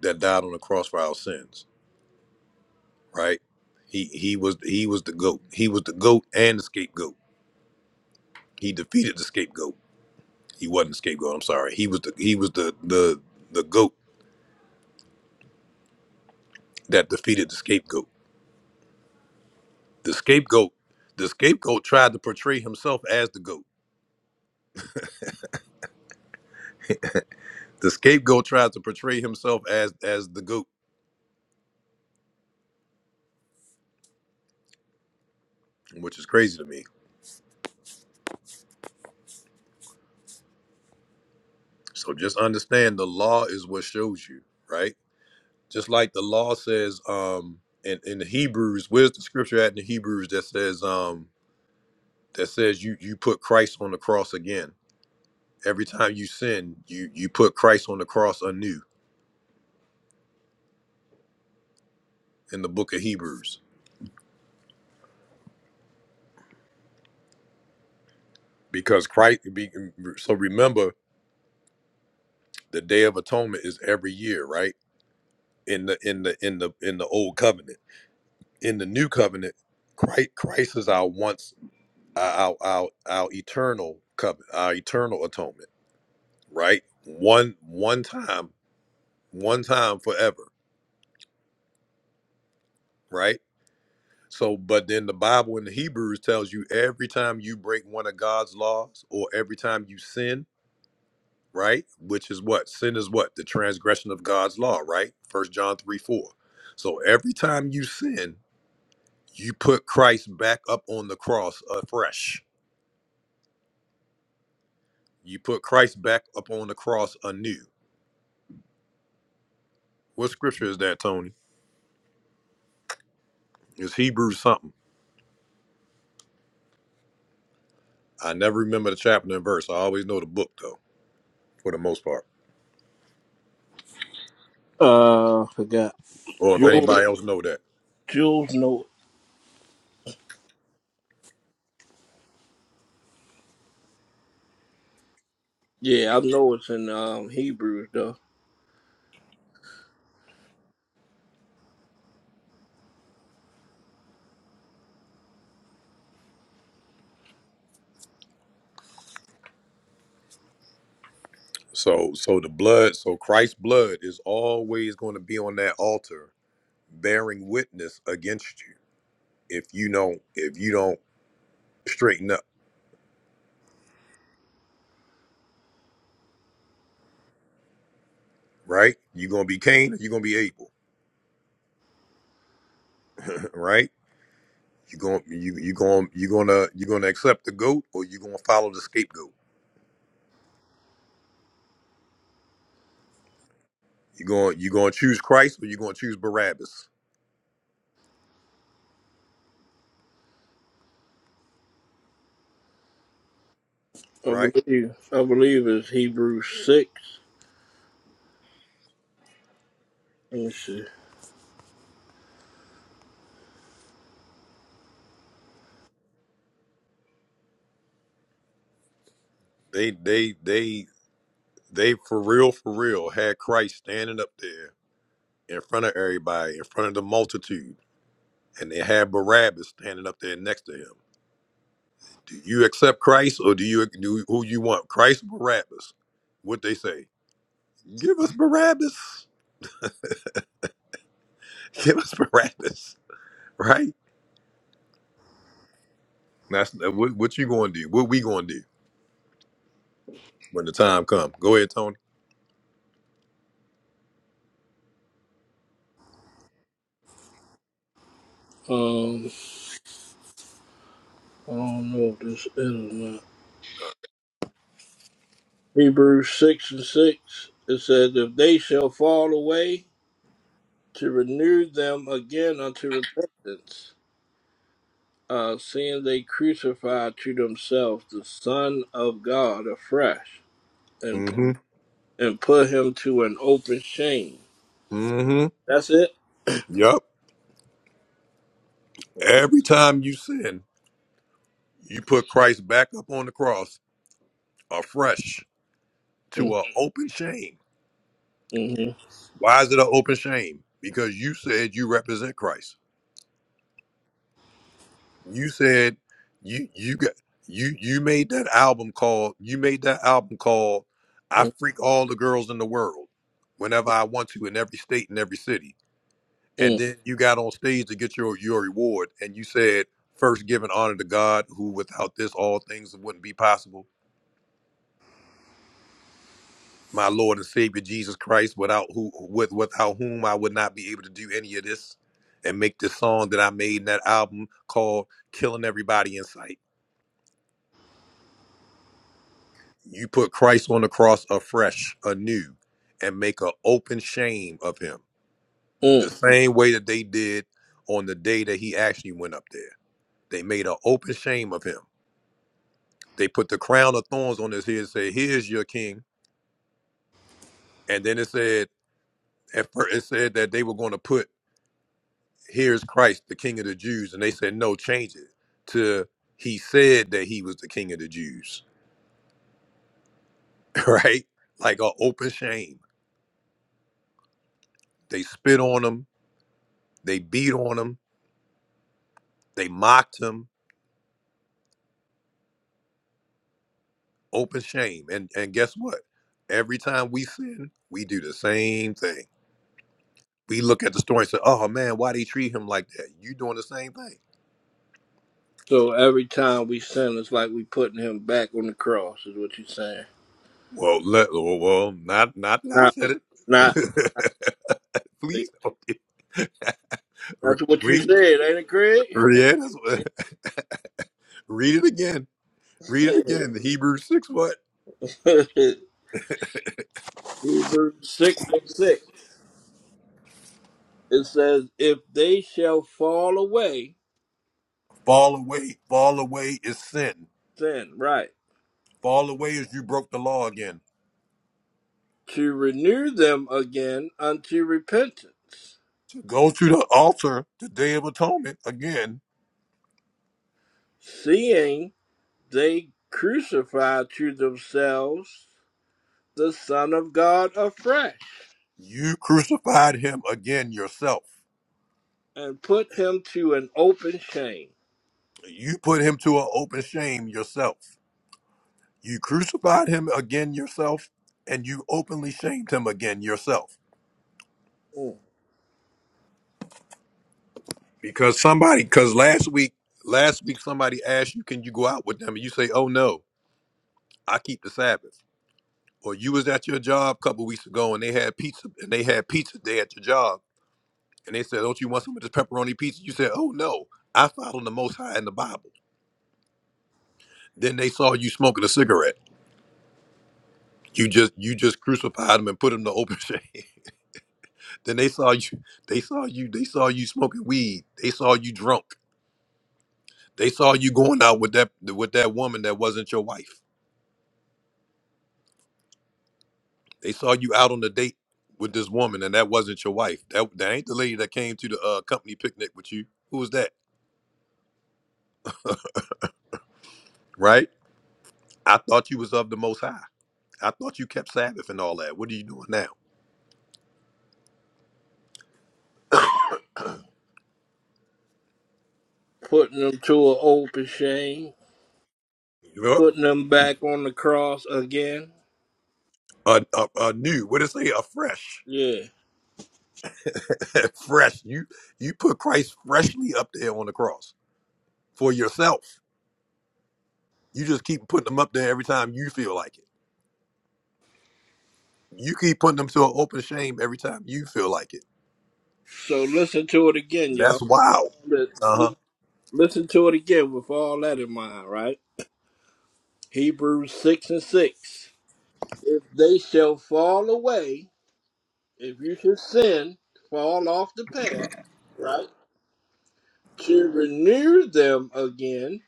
S1: that died on the cross for our sins right he he was he was the goat he was the goat and the scapegoat he defeated the scapegoat he wasn't the scapegoat i'm sorry he was the he was the the the goat that defeated the scapegoat the scapegoat the scapegoat tried to portray himself as the goat the scapegoat tried to portray himself as as the goat which is crazy to me so just understand the law is what shows you right Just like the law says, um, in, in the Hebrews, where's the scripture at in the Hebrews that says, um, that says you you put Christ on the cross again. Every time you sin, you you put Christ on the cross anew in the book of Hebrews. Because Christ be, so remember the day of atonement is every year, right? In the in the in the in the old covenant. In the new covenant, Christ Christ is our once our our our eternal covenant, our eternal atonement, right? One one time one time forever, right? So, but then the Bible in the Hebrews tells you every time you break one of God's laws or every time you sin, right? Which is what? Sin is what? The transgression of God's law, right? First John 3 4. So every time you sin, you put Christ back up on the cross afresh. You put Christ back up on the cross anew. What scripture is that, Tony? It's Hebrews something. I never remember the chapter and verse. I always know the book though, for the most part.
S2: Uh, forgot.
S1: Or if
S2: Jules,
S1: anybody else know that.
S2: Jules, no Yeah, I know it's in um, Hebrews though.
S1: So so the blood, so Christ's blood is always going to be on that altar bearing witness against you if you don't if you don't straighten up, right? You're gonna be Cain or you're gonna be Abel, *laughs* *clears throat* right? You're gonna you you gonna you're gonna you're gonna accept the goat or you're gonna follow the scapegoat. You're gonna you're gonna choose Christ or you're gonna choose Barabbas,
S2: I
S1: right?
S2: believe I believe it's Hebrews six. Let me see.
S1: They they they they for real for real had Christ standing up there in front of everybody, in front of the multitude and they had Barabbas standing up there next to him. Do you accept Christ or do you do who you want? Christ or Barabbas? What they say? Give us Barabbas. *laughs* Give us Barabbas. Right? That's uh, what, what you going to do. What we going to do when the time comes? Go ahead, Tony.
S2: Um, I don't know if this is or not. Hebrews six and six. It says, "If they shall fall away, to renew them again unto repentance, uh, seeing they crucify to themselves the Son of God afresh, and
S1: Mm-hmm.
S2: and put him to an open shame."
S1: Mm-hmm.
S2: That's it.
S1: Yep. Every time you sin, you put Christ back up on the cross afresh to
S2: Mm-hmm.
S1: an open shame.
S2: Mm-hmm.
S1: Why is it an open shame? Because you said you represent Christ. you said you you got you you made that album called you made that album called I freak all the girls in the world whenever I want to in every state and every city. And then you got on stage to get your your reward and you said first giving honor to God who without this all things wouldn't be possible. My Lord and Savior Jesus Christ without who with without whom I would not be able to do any of this and make this song that I made in that album called Killing Everybody in Sight. You put Christ on the cross afresh, anew, and make an open shame of him.
S2: Mm-hmm.
S1: The same way that they did on the day that he actually went up there. They made an open shame of him. They put the crown of thorns on his head and said, Here's your king. And then it said, at first it said that they were going to put, Here's Christ, the King of the Jews. And they said, No, change it to he said that he was the King of the Jews, *laughs* right? Like an open shame. They spit on him, they beat on him, they mocked him, open shame. And and guess what? Every time we sin, we do the same thing. We look at the story and say, "Oh man, why they treat him like that?" You doing the same thing.
S2: So every time we sin, it's like we putting him back on the cross, is what you're saying.
S1: Well, let well, well, not not that I
S2: Not,
S1: said
S2: not.
S1: it. *laughs* Please okay. Re-
S2: That's what you
S1: read
S2: said, ain't it, Craig?
S1: read it, *laughs* read it again. Read it
S2: *laughs*
S1: again. The Hebrews six what?
S2: Hebrews six and six. It says, "If they shall fall away,
S1: Fall away. Fall away is sin.
S2: sin, right,
S1: Fall away is you broke the law again.
S2: to renew them again unto repentance,
S1: To go to the altar, the day of atonement again
S2: seeing they crucify to themselves the Son of God afresh,
S1: You crucified him again yourself.
S2: and put him to an open shame."
S1: You put him to an open shame yourself. You crucified him again yourself, and you openly shamed him again yourself.
S2: Hmm.
S1: Because somebody, because last week, last week somebody asked you, can you go out with them? And you say, oh no, I keep the Sabbath. Or you was at your job a couple weeks ago and they had pizza and they had pizza day at your job. And they said, Don't you want some of this pepperoni pizza? You said, Oh no, I follow the most high in the Bible. Then they saw you smoking a cigarette You just you just crucified him and put him to open shame. *laughs* then they saw you they saw you they saw you smoking weed. They saw you drunk. They saw you going out with that with that woman that wasn't your wife. They saw you out on a date with this woman and that wasn't your wife. That that ain't the lady that came to the uh, company picnic with you. Who was that? Right? I thought you was of the most high. I thought you kept Sabbath and all that. What are you doing now?
S2: putting them to an open shame,
S1: You know,
S2: putting them back on the cross again.
S1: a, a, a new, what did it say? A fresh.
S2: Yeah.
S1: *laughs* fresh. You you put Christ freshly up there on the cross for yourself. You just keep putting them up there every time you feel like it. You keep putting them to an open shame every time you feel like it.
S2: So listen to it again, y'all.
S1: That's wild.
S2: Li-
S1: Uh huh.
S2: li- Listen to it again with all that in mind, right? Hebrews 6 and 6. If they shall fall away, if you should sin, fall off the path, right? To renew them again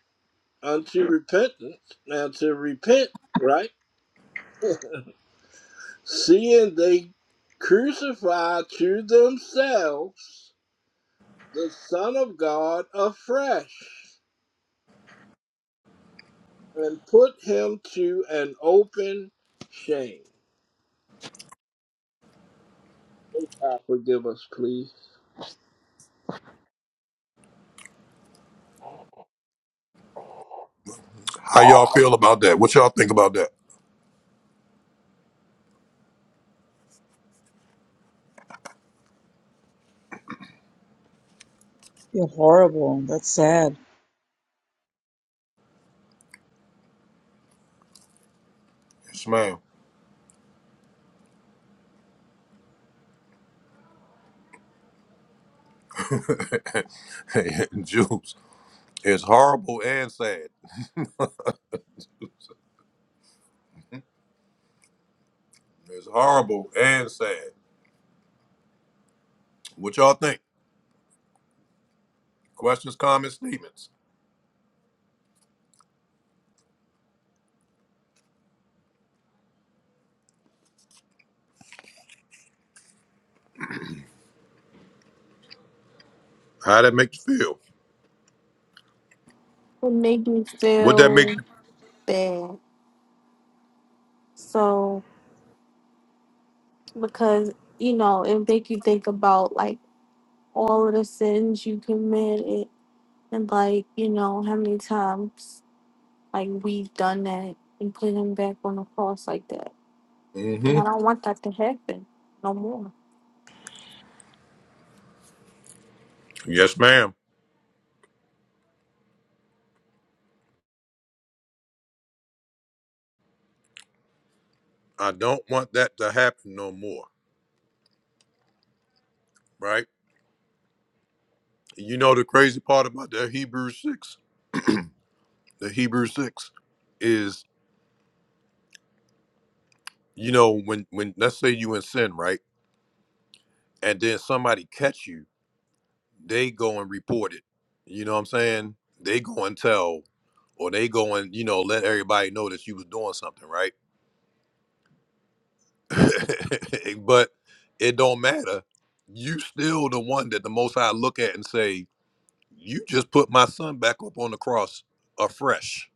S2: unto repentance, now to repent, right? seeing they crucify to themselves the Son of God afresh and put him to an open shame. God forgive us, please.
S1: How y'all feel about that? What y'all think about that?
S8: You're horrible. That's sad.
S1: Yes, ma'am. *laughs* Juice. It's horrible and sad. *laughs* It's horrible and sad. What y'all think? Questions, comments, statements. How that make you feel?
S4: It make me
S1: What that make?
S4: feel
S1: You-
S4: bad. So because you know, it make you think about like all of the sins you committed And like, you know, how many times like we've done that and put him back on the cross like that. And I
S1: mm-hmm.
S4: don't want that to happen no more.
S1: Yes, ma'am. I don't want that to happen no more. Right. You know the crazy part about that Hebrews six, the Hebrews six, is you know when when let's say you in sin, right, and then somebody catch you, they go and report it. You know what I'm saying? They go and tell, or they go and you know let everybody know that you was doing something, right? *laughs* but it don't matter. You still the one that the Most High look at and say, you just put my son back up on the cross afresh,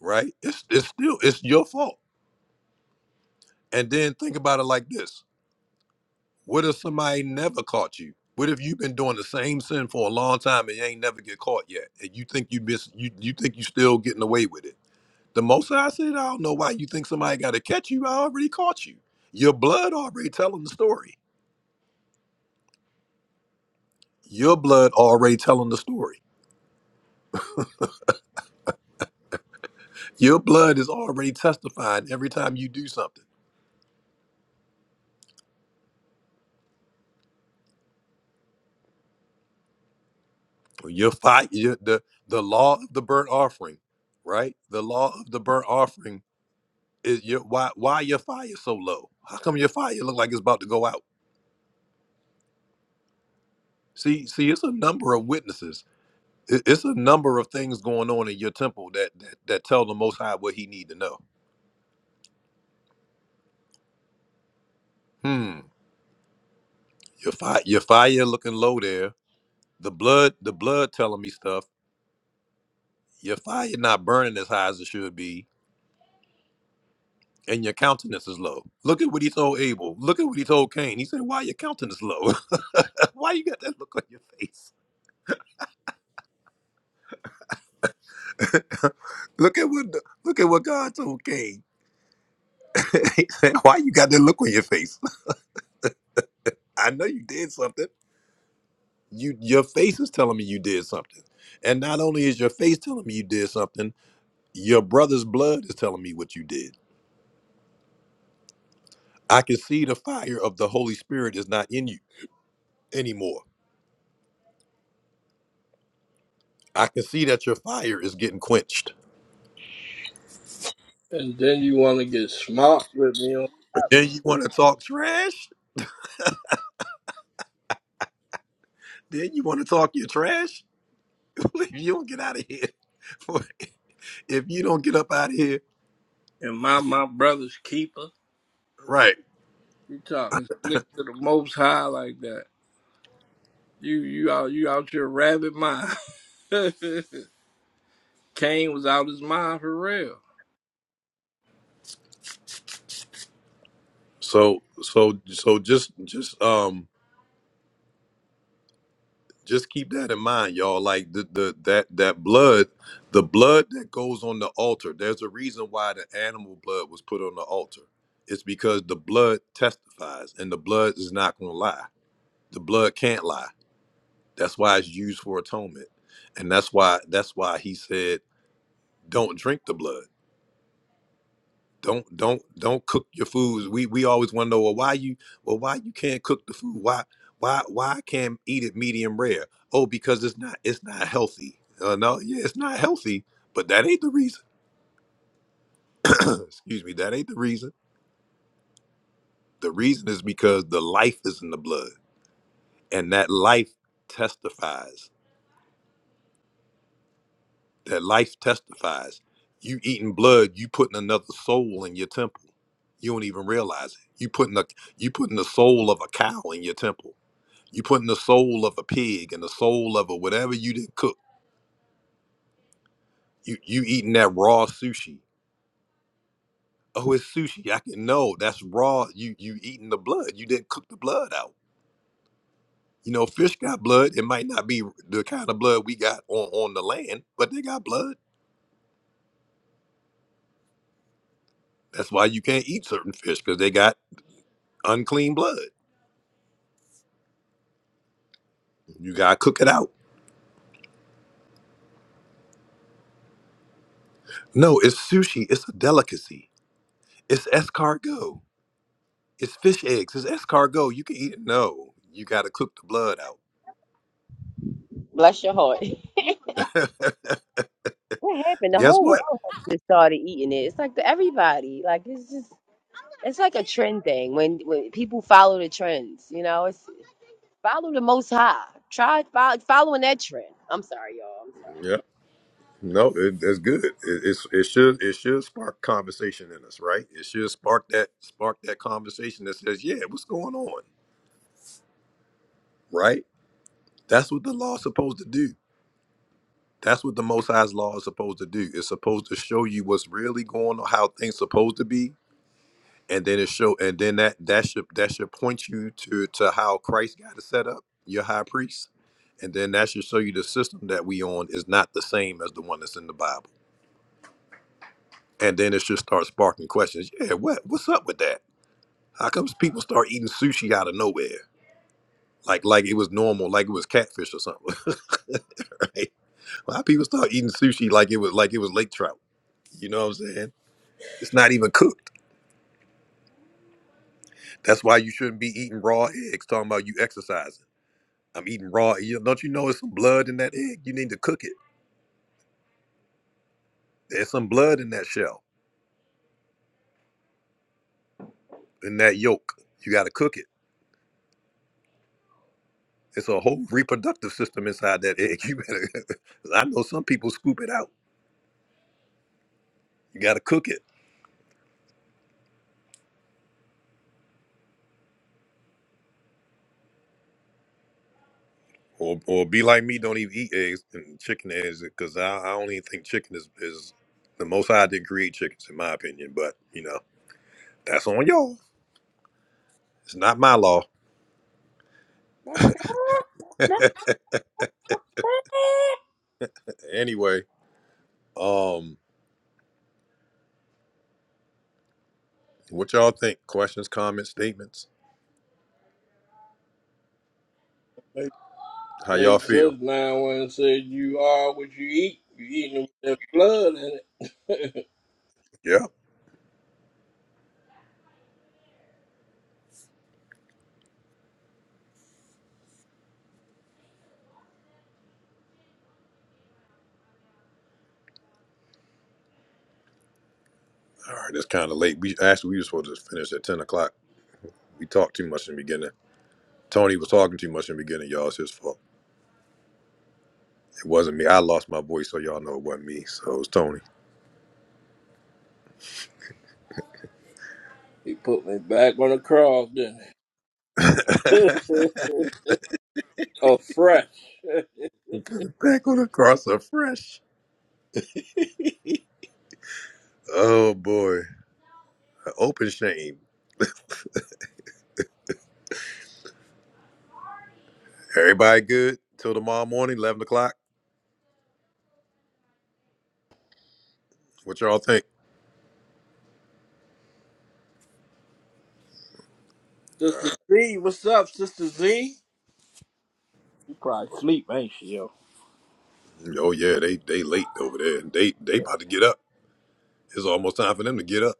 S1: right? It's it's still it's your fault And then think about it like this. What if somebody never caught you? What if you've been doing the same sin for a long time and you ain't never get caught yet? And you think you miss you you think you still getting away with it. The most I said, I don't know why you think somebody gotta catch you. I already caught you. Your blood already telling the story. Your blood already telling the story. Your blood is already testifying every time you do something. Your fight your, the the law of the burnt offering, right? The law of the burnt offering Is your why why your fire so low? How come your fire look like it's about to go out? See, see, it's a number of witnesses. It- It's a number of things going on in your temple that that, that tell the Most High what He need to know. Hmm, your fire, your fire looking low there. The blood, the blood telling me stuff. Your fire not burning as high as it should be, and your countenance is low. Look at what he told Abel. Look at what he told Cain. He said, "Why your countenance low? *laughs* Why you got that look on your face?" *laughs* look at what look at what God told Cain. *laughs* Why you got that look on your face? *laughs* I know you did something. You your face is telling me you did something. And not only is your face telling me you did something, your brother's blood is telling me what you did. I can see the fire of the Holy Spirit is not in you anymore. I can see that your fire is getting quenched.
S2: And then you want to get smart with me on that.
S1: then you want to talk trash? Then you want to talk your trash? *laughs* if you don't get out of here, *laughs* if you don't get up out of here,
S2: And my my brother's keeper.
S1: right?
S2: You talking slick to the most high like that. You you out you out your rabbit mind. *laughs* Cain was out his mind for real.
S1: So so so just just um just keep that in mind y'all like the, the that that blood the blood that goes on the altar there's a reason why the animal blood was put on the altar it's because the blood testifies and the blood is not going to lie the blood can't lie that's why it's used for atonement and that's why that's why he said don't drink the blood don't don't don't cook your foods. We we always want to know well why you well why you can't cook the food? Why why why I can't eat it medium rare? Oh, because it's not it's not healthy. Uh, no, yeah, it's not healthy, but that ain't the reason. *clears throat* Excuse me, that ain't the reason. The reason is because the life is in the blood, and that life testifies. That life testifies. You eating blood, you putting another soul in your temple. You don't even realize it. You putting a you putting the soul of a cow in your temple You putting the soul of a pig and the soul of a whatever you didn't cook. You you eating that raw sushi. Oh, it's sushi. I can no, that's raw. You you eating the blood. You didn't cook the blood out. You know, fish got blood. It might not be the kind of blood we got on, on the land, but they got blood. That's why you can't eat certain fish because they got unclean blood. You gotta cook it out. No, it's sushi. It's a delicacy. It's escargot. It's fish eggs. It's escargot. You can eat it. No, you gotta cook the blood
S5: Bless your heart. *laughs*
S1: out.
S5: What happened?
S1: *laughs*
S5: The
S1: Guess
S5: whole
S1: what?
S5: world just started eating it. It's like the, everybody. Like it's just it's like a trend thing when when people follow the trends. You know, it's follow the most high. Try fo- following that trend. I'm sorry, y'all.
S1: Yeah. No, it, that's good. It, it's it should it should spark conversation in us, right? It should spark that spark that conversation that says, "Yeah, what's going on?" Right? That's what the law's supposed to do. That's what the Most High's law is supposed to do. It's supposed to show you what's really going on, how things supposed to be, and then it show and then that that should that should point you to to how Christ got it set up, your high priest, and then that should show you the system that we on is not the same as the one that's in the Bible and then it just starts sparking questions. Yeah, what what's up with that? How comes people start eating sushi out of nowhere? Like like it was normal, like it was catfish or something. *laughs* right? Why people start eating sushi like it was like it was lake trout? You know what I'm saying? It's not even cooked. That's why you shouldn't be eating raw eggs. Talking about you exercising. I'm eating raw. You don't you know it's some blood in that egg? You need to cook it. There's some blood in that shell, in that yolk. You got to cook it. It's a whole reproductive system inside that egg. *laughs* You better. I know some people scoop it out You gotta cook it, or or be like me, don't even eat eggs and chicken eggs because I, I don't even think chicken is is the most I did create chickens in my opinion. But you know that's on y'all. It's not my law. *laughs* anyway, um, what y'all think? Questions, comments, statements?
S2: *laughs*
S1: How y'all
S2: Makes us
S1: feel?
S2: now one said you are what you eat. You eating with that blood in it.
S1: Yeah. All right, it's kind of late. We actually we were supposed to finish at ten o'clock. We talked too much in the beginning. Tony was talking too much in the beginning, y'all. It's his fault. It wasn't me. I lost my voice, so y'all know it wasn't me. So it was Tony.
S2: *laughs* he put me back on the cross, didn't he?
S1: *laughs*
S2: *laughs* Afresh. *laughs*
S1: *laughs* Back on the cross fresh. Oh boy. an Open shame. Everybody good till tomorrow morning, eleven o'clock. What y'all think?
S2: Sister Z, what's up, Sister Z? She probably sleep, ain't she, yo?
S1: Oh yeah, they they late over there. They they about to get up. It's almost time for them to get up.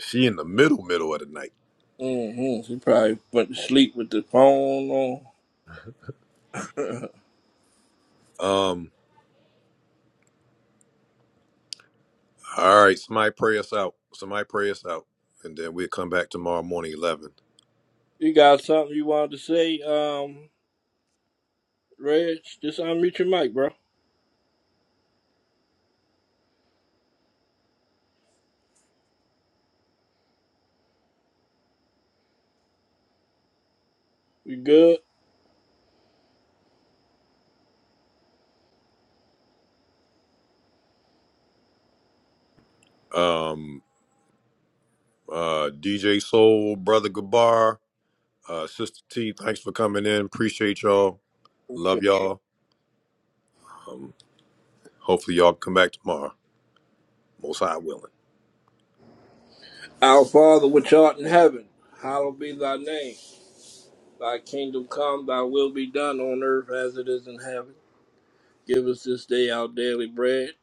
S1: She in the middle middle of the night.
S2: Mm-hmm. She probably went to sleep with the phone on.
S1: Um. All right, somebody pray us out. Somebody pray us out, and then we'll come back tomorrow morning eleven.
S2: *laughs* you got something you wanted to say, um, Reg? Just unmute your mic, bro. You good?
S1: Um. Uh. DJ Soul, brother Gabar, uh, sister T. Thanks for coming in. Appreciate y'all.
S2: Okay.
S1: Love y'all. Hopefully y'all come back tomorrow. Most High willing.
S2: Our Father which art in heaven, hallowed be thy name. Thy kingdom come, thy will be done on earth as it is in heaven. Give us this day our daily bread.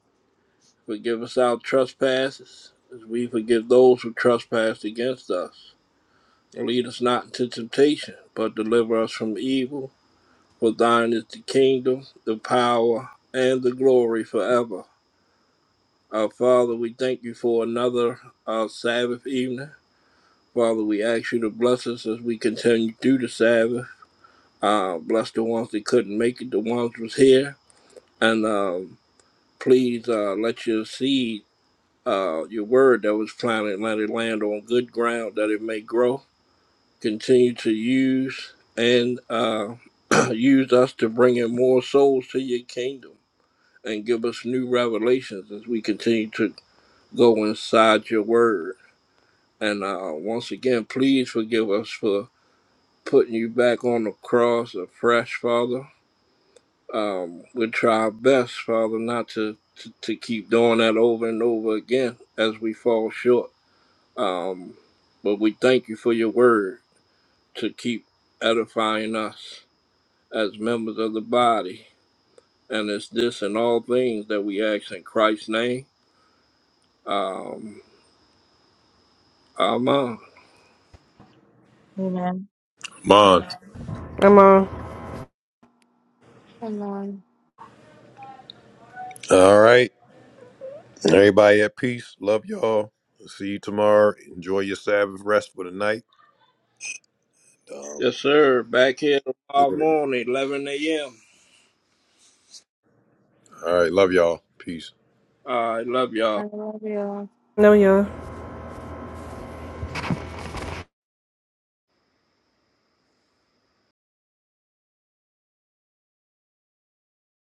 S2: Forgive us our trespasses, as we forgive those who trespass against us. And lead us not into temptation, but deliver us from evil. For thine is the kingdom, the power, and the glory forever. Our Father, we thank you for another uh, Sabbath evening. Father, we ask you to bless us as we continue through the Sabbath. Uh, bless the ones that couldn't make it, the ones was here and uh, please uh, let your seed, uh, your word that was planted, let it land on good ground that it may grow. Continue to use and uh, *clears throat* use us to bring in more souls to your kingdom and give us new revelations as we continue to go inside your word. And uh, once again, please forgive us for putting you back on the cross afresh, Father Um, we'll try our best, Father, not to, to, to keep doing that over and over again as we fall short. Um, but we thank you for your word to keep edifying us as members of the body. And it's this and all things that we ask in Christ's name. Um, Amen.
S8: Amen.
S1: Mon.
S7: I'm on.
S4: And um,
S1: All right. Everybody at peace. Love y'all. See you tomorrow. Enjoy your Sabbath rest for the night. Um,
S2: Yes, sir. Back here
S1: do
S2: tomorrow
S1: it.
S2: morning, 11 a.m.
S1: All right. Love y'all. Peace.
S2: I love y'all.
S4: I love you.
S7: No, y'all.